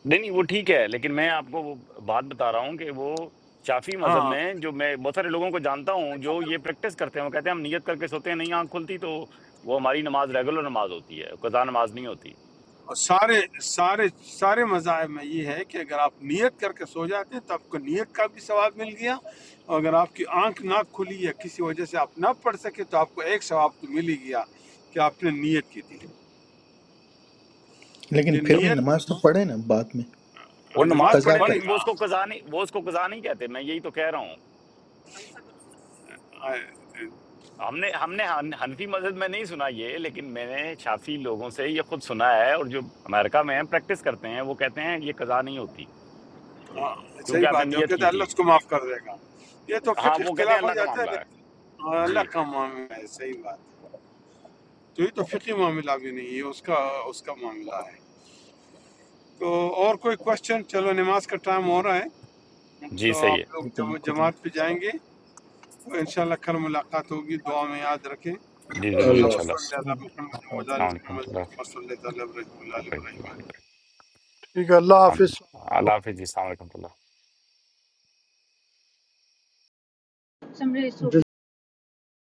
Speaker 2: نہیں نہیں وہ ٹھیک ہے لیکن میں آپ کو وہ بات بتا رہا ہوں کہ وہ شافی مذہب
Speaker 1: ہاں
Speaker 2: میں جو میں بہت سارے لوگوں کو جانتا ہوں جو یہ پریکٹس کرتے ہیں وہ کہتے ہیں ہم نیت کر کے سوتے ہیں نہیں آنکھ کھلتی تو وہ ہماری نماز ریگولر نماز ہوتی ہے قضا نماز نہیں ہوتی
Speaker 1: اور سارے سارے سارے مذاہب میں یہ ہے کہ اگر آپ نیت کر کے سو جاتے ہیں تو آپ کو نیت کا بھی ثواب مل گیا اور اگر آپ کی آنکھ نہ کھلی یا کسی وجہ سے آپ نہ پڑھ سکے تو آپ کو ایک ثواب تو مل ہی گیا کہ آپ نے نیت کی تھی یہ
Speaker 3: لیکن
Speaker 2: تو
Speaker 3: پھر بھی
Speaker 1: نیت
Speaker 3: نماز تو پڑھے نا بعد میں
Speaker 2: وہ
Speaker 1: نماز
Speaker 2: نماز
Speaker 1: تو
Speaker 3: قضا
Speaker 2: پڑھیں
Speaker 1: پڑھے
Speaker 3: کر
Speaker 2: لیکن وہ اس کو قضا نہیں وہ اس کو قضا نہیں کہتے میں یہی تو کہہ رہا ہوں
Speaker 1: گا
Speaker 2: ہم نے ہم نے ہن- حنفی مذہب میں نہیں سنا یہ لیکن میں نے شافی لوگوں سے یہ خود سنا ہے اور جو امریکہ میں ہیں پریکٹس کرتے ہیں وہ کہتے ہیں یہ قضا نہیں ہوتی
Speaker 1: ہاں صحیح
Speaker 2: کیونکہ آپ نے
Speaker 1: بات ہے وہ
Speaker 2: نیت
Speaker 1: کہتا
Speaker 2: کی
Speaker 1: ہے اللہ
Speaker 2: تھی
Speaker 1: اس کو معاف کر دے گا یہ تو
Speaker 2: ہاں
Speaker 1: فقہ
Speaker 2: وہ کہتے ہیں
Speaker 1: اختلاف ہو
Speaker 2: اللہ کا
Speaker 1: جاتا ہے
Speaker 2: معاملہ ہے
Speaker 1: لیکن ہاں، اللہ
Speaker 2: جی
Speaker 1: کا معاملہ ہے صحیح بات ہے تو یہ تو فقی معاملہ بھی نہیں ہے اس کا اس کا معاملہ ہے تو اور کوئی کوشچن چلو نماز کا ٹائم ہو رہا ہے
Speaker 2: جی
Speaker 1: تو
Speaker 2: صحیح ہے
Speaker 1: آپ لوگ
Speaker 3: اوکے
Speaker 1: جم-
Speaker 3: خدا
Speaker 1: جماعت پہ
Speaker 3: حافظ
Speaker 1: جائیں گے تو انشاءاللہ کل ملاقات ہوگی دعا میں یاد رکھیں
Speaker 2: جی ضرور
Speaker 1: اللہ
Speaker 4: الله
Speaker 2: انشاءاللہ
Speaker 1: صلی
Speaker 3: ہوں،
Speaker 1: اللہ
Speaker 3: خدا
Speaker 1: محمد و
Speaker 3: حافظ
Speaker 2: السلام
Speaker 1: علی
Speaker 2: علیکم
Speaker 1: محمد
Speaker 2: ورحمۃ اللہ
Speaker 1: وسلم اللہ علیہ
Speaker 2: وبرکاتہ اللہ
Speaker 1: وسلم۔
Speaker 2: حافظ
Speaker 5: ٹھیک ہے اللہ
Speaker 2: آمین
Speaker 5: حافظ
Speaker 2: اللہ حافظ جی السلام علیکم ورحمۃ اللہ
Speaker 6: समरेश